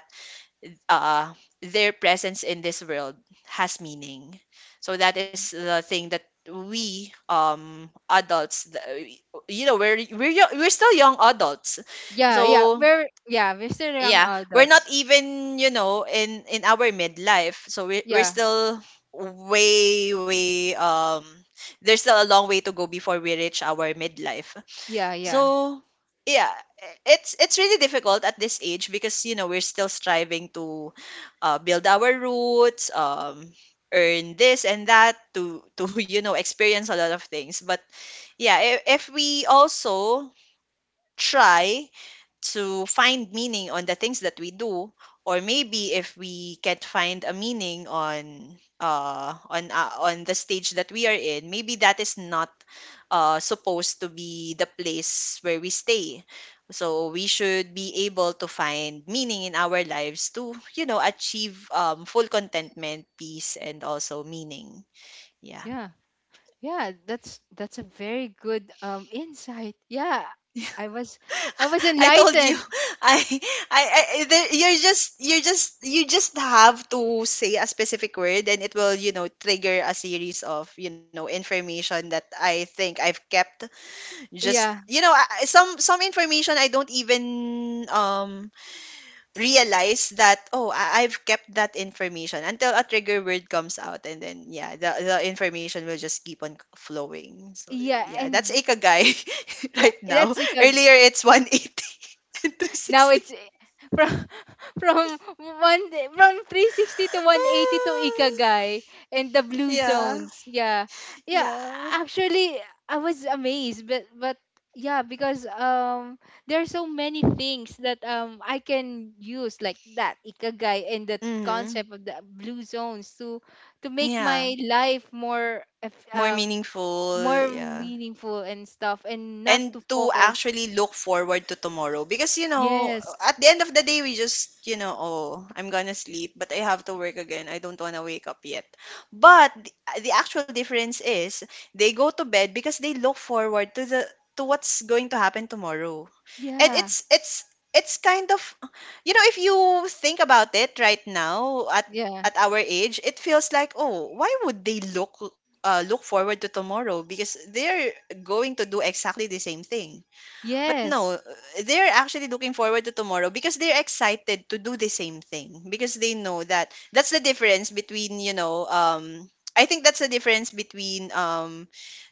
B: uh, their presence in this world has meaning. So that is the thing that we adults, you know, we're we're still young adults.
A: Yeah, yeah.
B: So
A: We're, yeah, we're still young
B: yeah, we're not
A: adults.
B: even, you know, in our midlife, so we're
A: Yeah,
B: still way way there's still a long way to go before we reach our midlife.
A: yeah, yeah,
B: So yeah, it's really difficult at this age because you know we're still striving to build our roots, earn this and that to [laughs] you know experience a lot of things. But yeah, if we also try to find meaning on the things that we do, or maybe if we can't find a meaning on on the stage that we are in, maybe that is not supposed to be the place where we stay. So we should be able to find meaning in our lives to, you know, achieve full contentment, peace, and also meaning. Yeah.
A: yeah. Yeah, that's a very good insight. Yeah, I was, I was
B: I told you,
A: enlightened.
B: [laughs] I, I, you're just, you just have to say a specific word, and it will, you know, trigger a series of, you know, information that I think I've kept. Just,
A: Yeah,
B: you know, some information I don't even realize that, oh, I've kept that information until a trigger word comes out, and then yeah, the information will just keep on flowing. So
A: yeah,
B: yeah, that's
A: and
B: Ikigai [laughs]
A: yeah,
B: right now.
A: that's like a,
B: Earlier, it's 180 [laughs] and
A: now
B: 360.
A: it's, eh, from [laughs] from from 360 to 180 to
B: Ah,
A: Ikagay and the blue
B: yeah,
A: zones. Yeah. Yeah,
B: yeah.
A: actually, I was amazed, but yeah, because there are so many things that I can use, like that Ikagay and the
B: Mhm,
A: concept of the blue zones, to make
B: yeah.
A: my life more
B: More meaningful,
A: more
B: yeah.
A: meaningful and stuff, and not
B: And
A: to
B: to
A: focus.
B: actually look forward to tomorrow, because you know
A: Yes.
B: at the end of the day we just, you know, oh, I'm gonna sleep, but I have to work again, I don't wanna wake up yet. But the actual difference is they go to bed because they look forward to the to what's going to happen tomorrow. And
A: Yeah.
B: it's it's kind of, you know, if you think about it right now
A: Yeah.
B: at our age, it feels like, oh, why would they look look forward to tomorrow? Because they're going to do exactly the same thing. But no,
A: Yes.
B: they're actually looking forward to tomorrow because they're excited to do the same thing, because they know that that's the difference between, you know, I think that's the difference between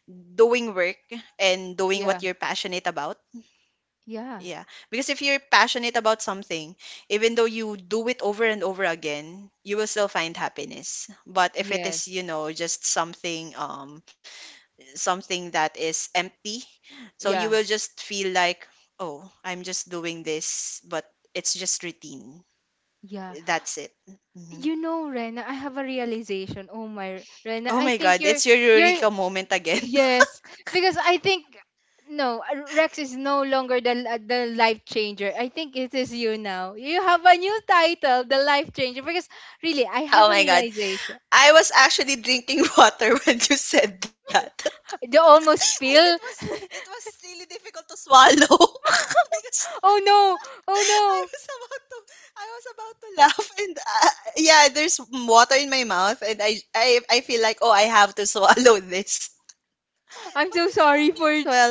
B: doing work and doing
A: Yeah.
B: what you're passionate about.
A: Yeah.
B: Yeah. Because if you're passionate about something, even though you do it over and over again, you will still find happiness. But if it
A: Yes.
B: is, you know, just something something that is empty. So you will
A: Yeah.
B: just feel like, oh, I'm just doing this, but it's just routine.
A: Yeah.
B: That's it. Mhm.
A: You know, Rena, I have a realization. Oh my, Rena,
B: Oh
A: I
B: my God,
A: think you're
B: it's your
A: you're
B: Eureka moment again.
A: yes, because I think, no, Rex is no longer the the life changer. I think it is you now. You have a new title, the life changer. Because really, I
B: [laughs] Oh
A: have a
B: my God.
A: realization.
B: I was actually drinking [laughs] water when you said that. [laughs]
A: The almost
B: it
A: spill.
B: was it was really difficult to swallow [laughs] because
A: Oh no!
B: I
A: Oh no!
B: was about to I was about to laugh [laughs] and yeah, there's water in my mouth and I feel like, oh, I have to [laughs] swallow this.
A: I'm
B: But
A: so
B: it's
A: sorry
B: funny as
A: for
B: well.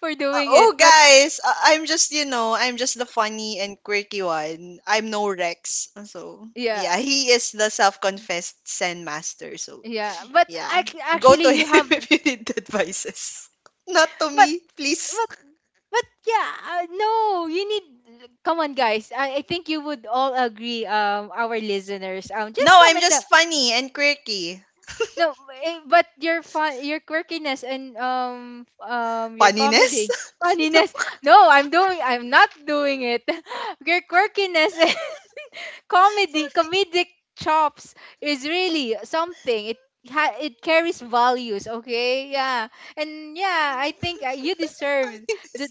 A: doing it,
B: Oh,
A: but
B: guys, I'm just, you know, I'm just the funny and quirky one. I'm no Rex. So yeah,
A: yeah.
B: he is the self confessed Zen master. So
A: Yeah, but
B: yeah, go
A: actually
B: to
A: you
B: him
A: have,
B: [laughs] if you need advices. Not to
A: but
B: me, please.
A: but yeah, no, you need, come on, guys. I think you would all agree, our listeners. Just
B: No, I'm
A: comment the,
B: just funny and quirky.
A: no, eh, but your fun, your quirkiness and your
B: Funniness?
A: comedy, funniness. No, I'm doing, I'm not doing it. [laughs] Your quirkiness [laughs] comedy, comedic chops is really something, it, it carries values, okay, yeah. And yeah, I think, you
B: [laughs]
A: deserve
B: Funniness.
A: the,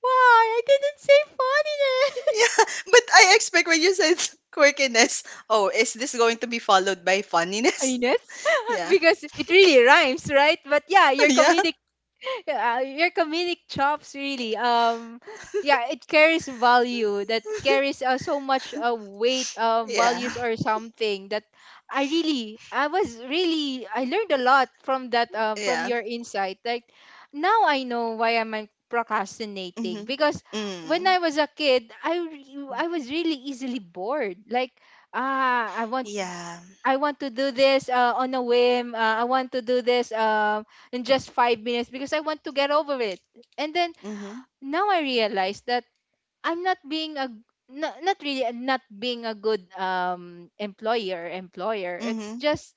A: why I didn't say funniness?
B: Yeah,
A: [laughs]
B: but I expect when you said quirkiness, oh, is this going to be followed by funniness? [laughs]
A: Iness, [laughs]
B: Yeah,
A: because it really rhymes, right? But yeah,
B: [laughs]
A: your
B: yeah,
A: comedic, [laughs] your comedic chops really, yeah, it carries value, that carries so much weight, values
B: yeah.
A: or something, that I really, I was really I learned a lot from that, from
B: Yeah.
A: your insight. Like, now I know why am I
B: Mhm.
A: procrastinating, because when I
B: Mm.
A: was a kid, I was really easily bored. Like, ah, I want,
B: Yeah.
A: I want to do this on a whim. I want to do this in just 5 minutes, because I want to get over it. And then
B: Mhm.
A: now I realize that I'm not being a, not really, not being a good, employer. It's
B: Mhm.
A: just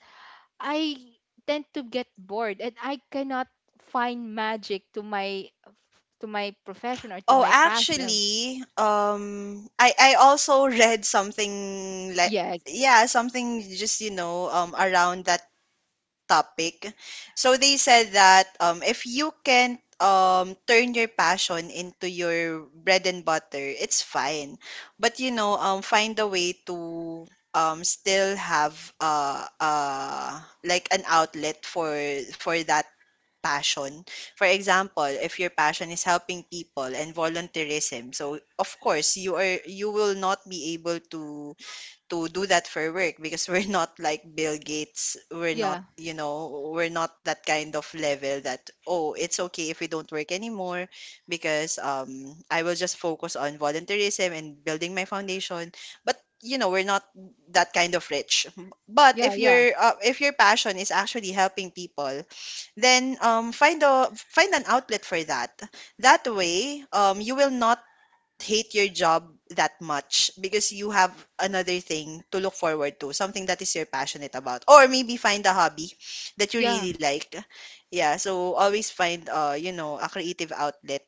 A: I tend to get bored, and I cannot find magic to my, profession, or to
B: Oh,
A: my passion.
B: actually, I also [laughs] read something like
A: Yes.
B: yeah, something just, you know, around that topic. So they said that if you can turn your passion into your bread and butter, it's fine. But you know, find a way to still have like an outlet for that passion. For example, if your passion is helping people and volunteerism, so of course you will not be able to do that for work because [laughs] we're not like Bill Gates. We're not,
A: Yeah.
B: you know, we're not that kind of level that, oh, it's okay if we don't work anymore because I will just focus on volunteerism and building my foundation. But you know we're not that kind of rich. But
A: Yeah.
B: if
A: Yeah.
B: your passion is actually helping people, then find a find an outlet for that. That way you will not hate your job that much because you have another thing to look forward to, something that is you're passionate about, or maybe find a hobby that you
A: Yeah.
B: really like. Yeah, so always find you know a creative outlet.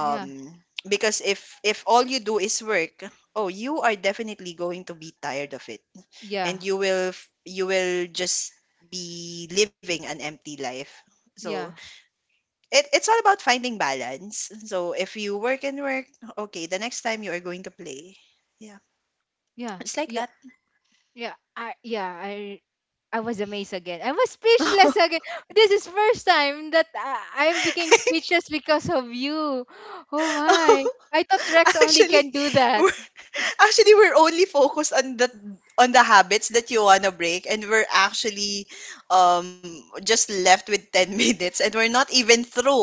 A: Yeah.
B: because if all you do is work, oh, you are definitely going to be tired of it, and
A: Yeah.
B: you will you will just be living an empty life. So
A: Yeah.
B: it's all about finding balance. So if you work and work, okay, the next time you are going to play. Yeah.
A: Yeah.
B: It's like
A: Yeah.
B: that.
A: Yeah, I was amazed again. I was speechless
B: [laughs]
A: again. [gasps] This is first time that I became speechless because of you. Oh my. I thought Rex only
B: Actually,
A: can do that.
B: we're, we're only focused on the habits that you wanna break, and we're actually just left with 10 [laughs] minutes and we're not even through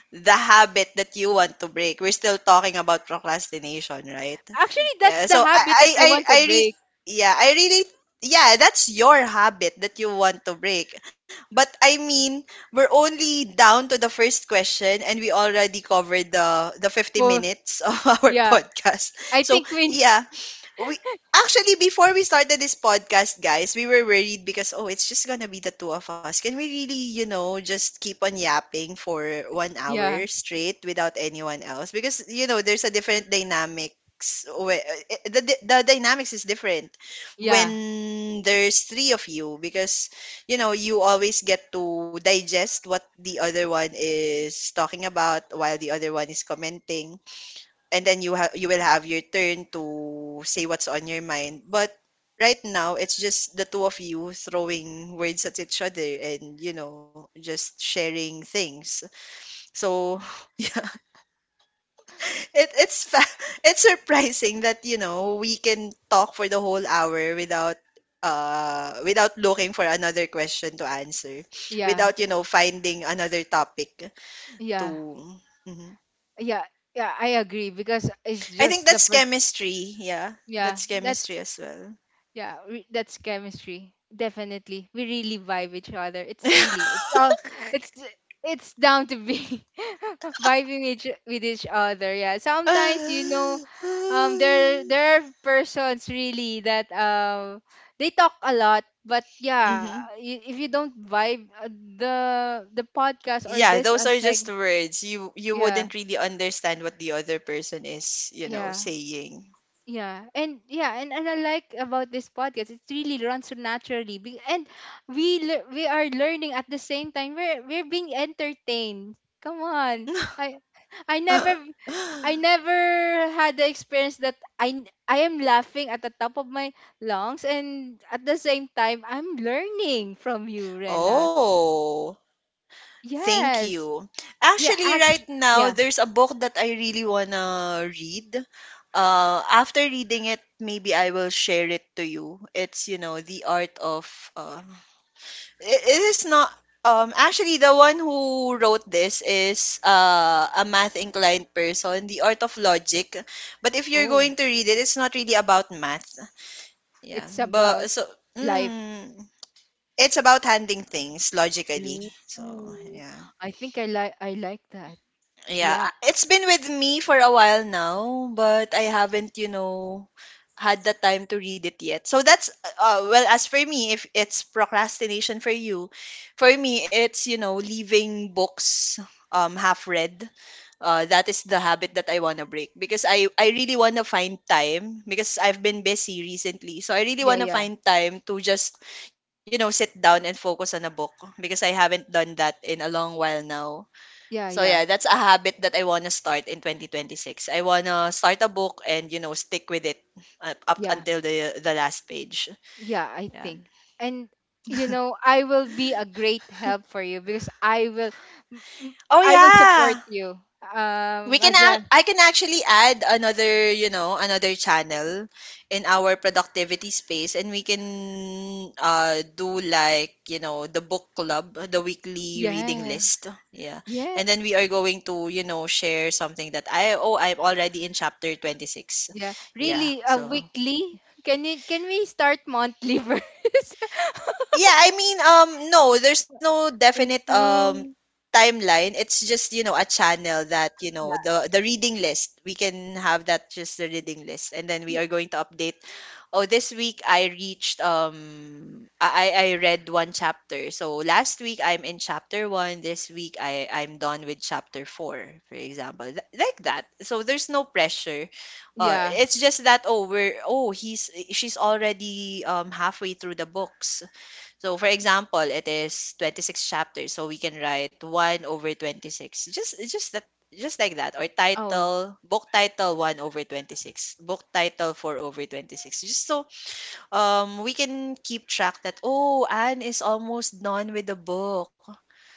B: the habit that you want to break. We're still talking about procrastination, right?
A: Actually, that's
B: Yeah.
A: the
B: So
A: habit that I want to
B: I
A: break.
B: yeah, I really yeah, that's your habit that you want to break. But I mean, we're only down to the first question and we already covered the 50
A: Oh,
B: minutes of [laughs] our
A: yeah.
B: podcast.
A: I
B: So
A: think we,
B: yeah, we actually before we started this podcast, guys, we were worried because, oh, it's just gonna be the two of us. Can we really, you know, just keep on yapping for one
A: yeah,
B: hour straight without anyone else? Because you know, there's a different dynamics. The dynamics is different
A: yeah,
B: when there's three of you, because you know you always get to digest what the other one is talking about while the other one is commenting, and then you will have your turn to say what's on your mind. But right now it's just the two of you throwing words at each other and, you know, just sharing things. So [laughs] yeah, it's [laughs] it's surprising that you know we can talk for the whole hour without without looking for another question to answer,
A: yeah,
B: without you know finding another topic
A: yeah,
B: to. Mhm.
A: yeah, yeah, I agree, because it's
B: I think
A: just the
B: that's
A: first,
B: chemistry. Yeah,
A: yeah,
B: that's chemistry
A: that's,
B: as well.
A: yeah, we, that's chemistry. Definitely. We really vibe each other. It's really,
B: [laughs]
A: it's all it's it's down to be [laughs] vibing each, with each other. Yeah. Sometimes, you know,
B: Hmm.
A: there are persons, really, that they talk a lot, but yeah, if you don't vibe, the podcast or
B: Yeah,
A: this
B: those
A: a
B: are just
A: seg,
B: words. You
A: yeah,
B: wouldn't really understand what the other person is, you know,
A: yeah.
B: saying.
A: Yeah, and yeah, and I like about this podcast, it really runs so naturally. And we, we are learning at the same time. We're being entertained. Come on,
B: [laughs]
A: I I never, I never had the experience that I am laughing at the top of my lungs, and at the same time I'm learning from you, Rena.
B: Oh, thank
A: Yes,
B: you.
A: yeah,
B: Actually, right
A: actually,
B: now
A: yeah.
B: there's a book that I really wanna read. After reading it, maybe I will share it to you. It's, you know, the art of it, it is not. Actually, the one who wrote this is a math inclined person, The Art of Logic. But if you're
A: Oh,
B: going to read it, it's not really about math. Yeah,
A: it's
B: but
A: about
B: so
A: life.
B: mm, it's about handling things logically. So
A: Ooh,
B: yeah.
A: I think I like that.
B: Yeah,
A: Yeah,
B: it's been with me for a while now, but I haven't, you know, had the time to read it yet. So that's well, as for me, if it's procrastination for you, for me it's, you know, leaving books half read. That is the habit that I want to break because I really want to find time because I've been busy recently. So I really
A: yeah,
B: want to
A: yeah,
B: find time to just, you know, sit down and focus on a book because I haven't done that in a long while now. So
A: yeah,
B: yeah,
A: yeah,
B: that's a habit that I want to start in 2026. I want to start a book and stick with it up
A: yeah,
B: until the last page.
A: yeah. I
B: Yeah.
A: think, and you know, I will be a great help for you, because I will, mm,
B: Oh
A: I will support
B: yeah.
A: you. As a,
B: I can actually add another, another channel in our productivity space, and we can do, like, the book club, the weekly reading
A: yeah,
B: list. Yeah.
A: yeah,
B: And then we are going to, share something that— I oh, I'm already in chapter 26.
A: yeah.
B: Yeah.
A: Really, a
B: So
A: weekly. Can we start monthly [laughs] first?
B: yeah, I mean, no, there's no definite
A: No.
B: timeline. It's just, a channel that,
A: Yeah.
B: the reading list. We can have that, just the reading list, and then we
A: y-
B: are going to update. Oh, this week I reached I read one chapter. So last week I'm in chapter one. This week I'm done with chapter four, for example. Like that. So there's no pressure.
A: Yeah.
B: It's just that, oh, we're oh he's she's already halfway through the books. So, for example, it is 26 chapters, so we can write 1 over 26. Just that just like that. Or
A: Oh,
B: title, book title 1 over 26, book title 4 over 26, just so we can keep track that, oh, Anne is almost done with the book,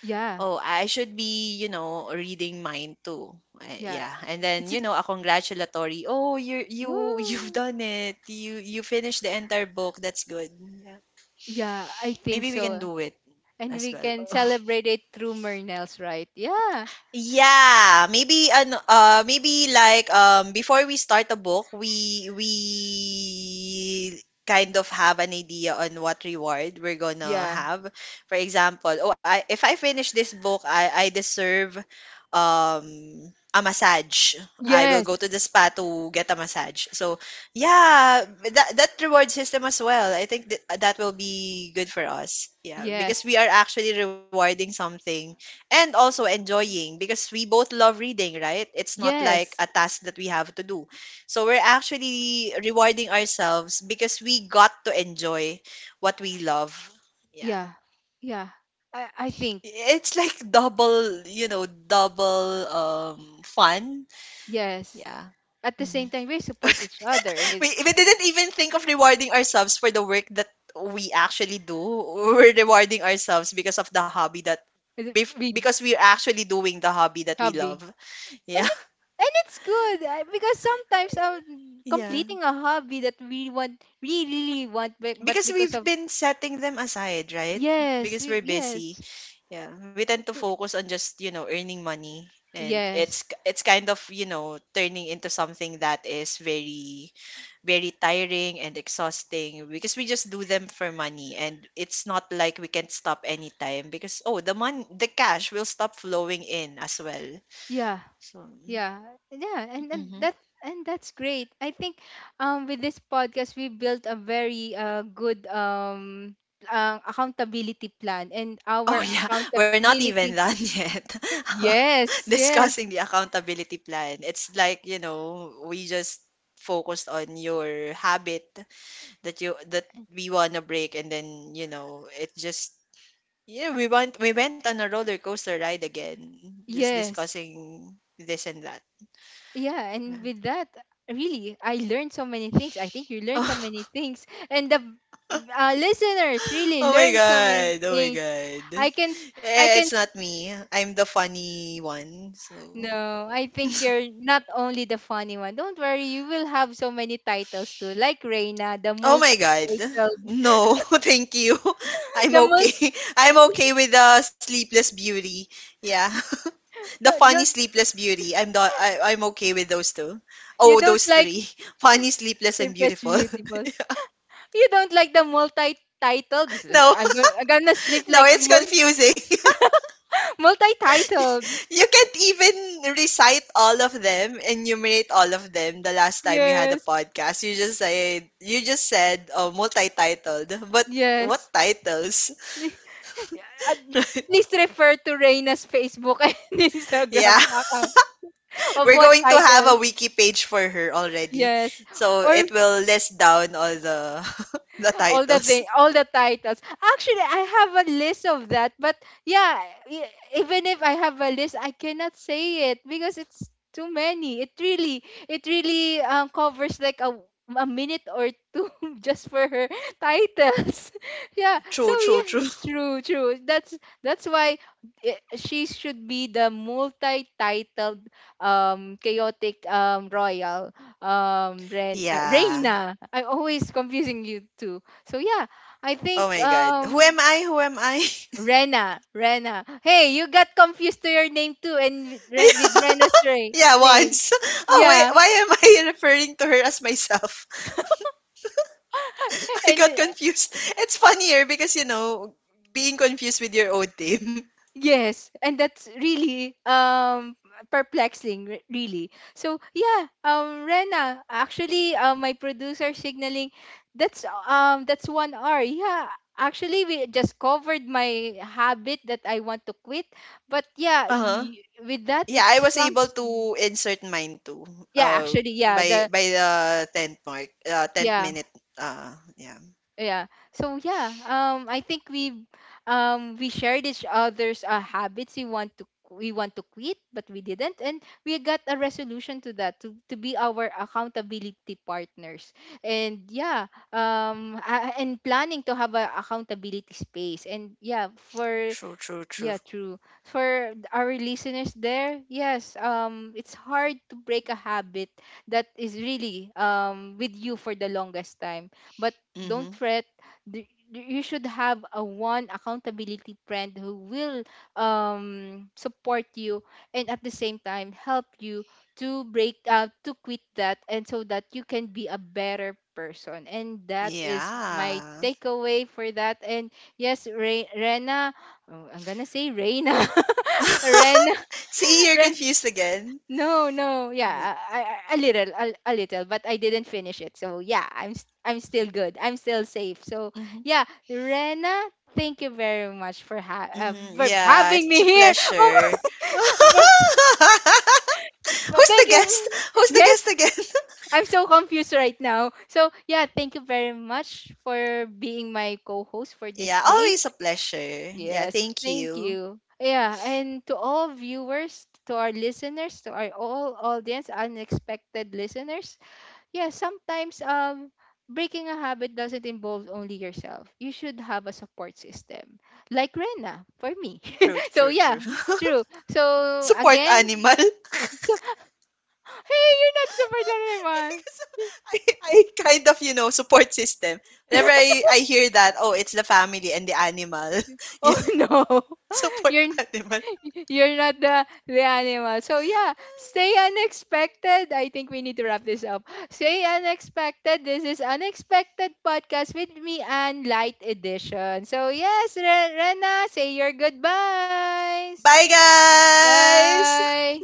A: yeah,
B: oh, I should be, reading mine too.
A: yeah.
B: Yeah. And then,
A: It's a,
B: a congratulatory, oh, you [laughs] you've
A: ooh.
B: done it, you finished the entire book, that's good. Yeah,
A: Yeah, I think
B: maybe we can
A: so.
B: do it
A: And
B: as
A: we
B: well.
A: can
B: [laughs]
A: celebrate it through Mernels, right? Yeah.
B: Yeah, maybe ano maybe, like, before we start a book, we kind of have an idea on what reward we're gonna
A: Yeah.
B: have. For example, oh, I if I finish this book, I deserve um a massage. I will
A: Yes.
B: go to the spa to get a massage. So, yeah, that reward system as well. I think that will be good for us. Yeah, because
A: Yes.
B: we are actually rewarding something and also enjoying, because we both love reading, right? It's not like a
A: Yes.
B: task that we have to do. So we're actually rewarding ourselves because we got to enjoy what we love. Yeah.
A: Yeah. Yeah. I think,
B: It's like [laughs] double, double fun.
A: yes.
B: Yeah.
A: At the
B: Mhm.
A: same time, we support each other
B: [laughs]
A: with,
B: We didn't even think of rewarding ourselves for the work that we actually do. [laughs] We're rewarding ourselves because of the hobby that—
A: with
B: because we're actually doing the hobby that we love.
A: hobby.
B: [laughs]
A: And
B: Yeah.
A: it, and it's good, because sometimes,
B: Yeah,
A: completing a hobby that we want, we really want, but
B: because
A: because
B: we've
A: of,
B: been setting them aside, right?
A: yes,
B: Because
A: we,
B: we're busy.
A: yes,
B: Yeah, we tend to
A: y-
B: focus on just, earning money, and it's
A: yes,
B: it's kind of, turning into something that is very, very tiring and exhausting, because we just do them for money, and it's not like we can stop anytime, because, oh, the cash will stop flowing in as well.
A: yeah.
B: So,
A: Yeah, yeah, and that,
B: mhm.
A: and that's great. I think, with this podcast, we built a very good, accountability plan, and our
B: Oh, yeah. [laughs] We're not even
A: accountability.
B: done
A: [laughs]
B: yet [laughs]
A: Yes, yes,
B: discussing the accountability plan. It's like, we just focused on your habit that we want to break, and then, it just— yeah, we went on a roller coaster ride again, just
A: yes.
B: discussing this and that.
A: Yeah,
B: Yeah.
A: and with that, really, I learned so many things. I think you learned so many
B: Oh,
A: things, and the listeners
B: [laughs]
A: really
B: oh my
A: learned so many
B: god. Oh my
A: things.
B: god.
A: I can I
B: Eh,
A: can
B: it's not me. I'm the funny one. So
A: No, I think you're not only the funny one. Don't worry, you will have so many titles too. Like Reina, the
B: oh my god.
A: multi-titled. [laughs]
B: No, [laughs] thank you. [laughs] I'm
A: The multi
B: okay. [laughs] I'm okay with the Sleepless Beauty. Yeah. [laughs] The funny
A: don't-
B: Sleepless Beauty. I'm not— I'm okay with those two.
A: you
B: Oh,
A: don't
B: those
A: like
B: three. [laughs] Funny, Sleepless, and
A: Sleepless
B: Beautiful. [laughs]
A: Beautiful. You don't like the multi-titled. This is-
B: No,
A: I'm go- I'm gonna
B: [laughs]
A: sleep
B: no,
A: like
B: it's
A: mul-
B: confusing.
A: [laughs] multi-titled.
B: [laughs] You can't even recite all of them, enumerate all of them the last time we had a
A: Yes.
B: podcast. You just said, oh, multi-titled. But what
A: Yes.
B: titles? [laughs]
A: [laughs] At Please refer to Reina's Facebook and [laughs]
B: Yeah.
A: Instagram account of
B: We're
A: what
B: going to have a
A: title.
B: wiki page for her already.
A: Yes.
B: So
A: Or
B: it will list down all the [laughs] the titles.
A: all the titles. Actually, I have a list of that, but yeah, e- even if I have a list, I cannot say it because it's too many. It really covers like a minute or two. [laughs] Just for her titles. [laughs] Yeah. So
B: True, true, true.
A: yeah, true, true. That's why I she should be the multi-titled chaotic royal Ren
B: Yeah.
A: Reina. I'm always confusing you two. So yeah, I
B: Oh
A: think
B: my god. Who am I? Who am I?
A: Rena, Rena. Hey, you got confused to your name too, and with
B: [laughs]
A: Rena's Ray
B: Yeah,
A: name.
B: once. [laughs] Oh wait,
A: Yeah,
B: why am I [laughs] referring to her as myself?
A: [laughs]
B: [laughs] I
A: and
B: got confused. It's funnier because, being confused with your own team. [laughs]
A: yes, and that's really perplexing, really. So yeah, Rena, actually, my producer signaling, that's 1 hour. Yeah, actually, we just covered my habit that I want to quit, but yeah,
B: Uh-huh.
A: with that, it
B: Yeah, I was
A: sprung.
B: able to insert mine too.
A: Yeah actually yeah
B: By
A: the
B: by the tenth mark, tenth
A: yeah
B: minute. Yeah.
A: yeah so yeah I think we shared each other's habits we want to quit but we didn't, and we got a resolution to that, to be our accountability partners. And yeah, and planning to have a accountability space. And for
B: True, true,
A: yeah,
B: true.
A: true. For our listeners there, yes, it's hard to break a habit that is really with you for the longest time. But don't
B: Mm-hmm.
A: fret. You should have a one accountability friend who will support you and at the same time help you to break to quit that, and so that you can be a better person. And that is my
B: Yeah.
A: takeaway for that. And yes, Rena, oh, I'm gonna say Reina. [laughs] Ren.
B: [laughs] See, you're
A: Ren.
B: confused again.
A: No, no. Yeah,
B: Yeah.
A: a little, a little, but I didn't finish it. So yeah, I'm still good. I'm still safe. So
B: Mm-hmm.
A: yeah, Rena, thank you very much for
B: Mm-hmm.
A: for
B: Yeah, it's
A: having me
B: a
A: here.
B: pleasure.
A: [laughs] Oh
B: [laughs]
A: my, [laughs]
B: Who's the
A: thank you.
B: guest? Who's the
A: Yes,
B: guest again? [laughs]
A: I'm so confused right now. So yeah, thank you very much for being my co-host for this
B: Yeah,
A: day.
B: always a pleasure. Yeah,
A: Yes,
B: thank
A: thank
B: you.
A: you. Yeah, and to all viewers, to our listeners, to our all audience, unexpected listeners, yeah, sometimes breaking a habit doesn't involve only yourself. You should have a support system. Like Rena for me. [laughs]
B: True, true,
A: So
B: true.
A: yeah, true. So
B: [laughs] Support
A: again,
B: animal. [laughs]
A: [laughs] so hey, you're not support anymore.
B: I kind of, support system. Whenever I hear that, oh, it's the family and the animal. [laughs]
A: Oh,
B: Yeah,
A: [laughs] no. [laughs]
B: support
A: You're
B: animal.
A: [laughs] you're not the animal. So yeah, stay unexpected. I think we need to wrap this up. Stay unexpected. This is unexpected podcast with me and light edition. So yes, Rena, say your goodbyes.
B: Bye, guys.
A: Bye.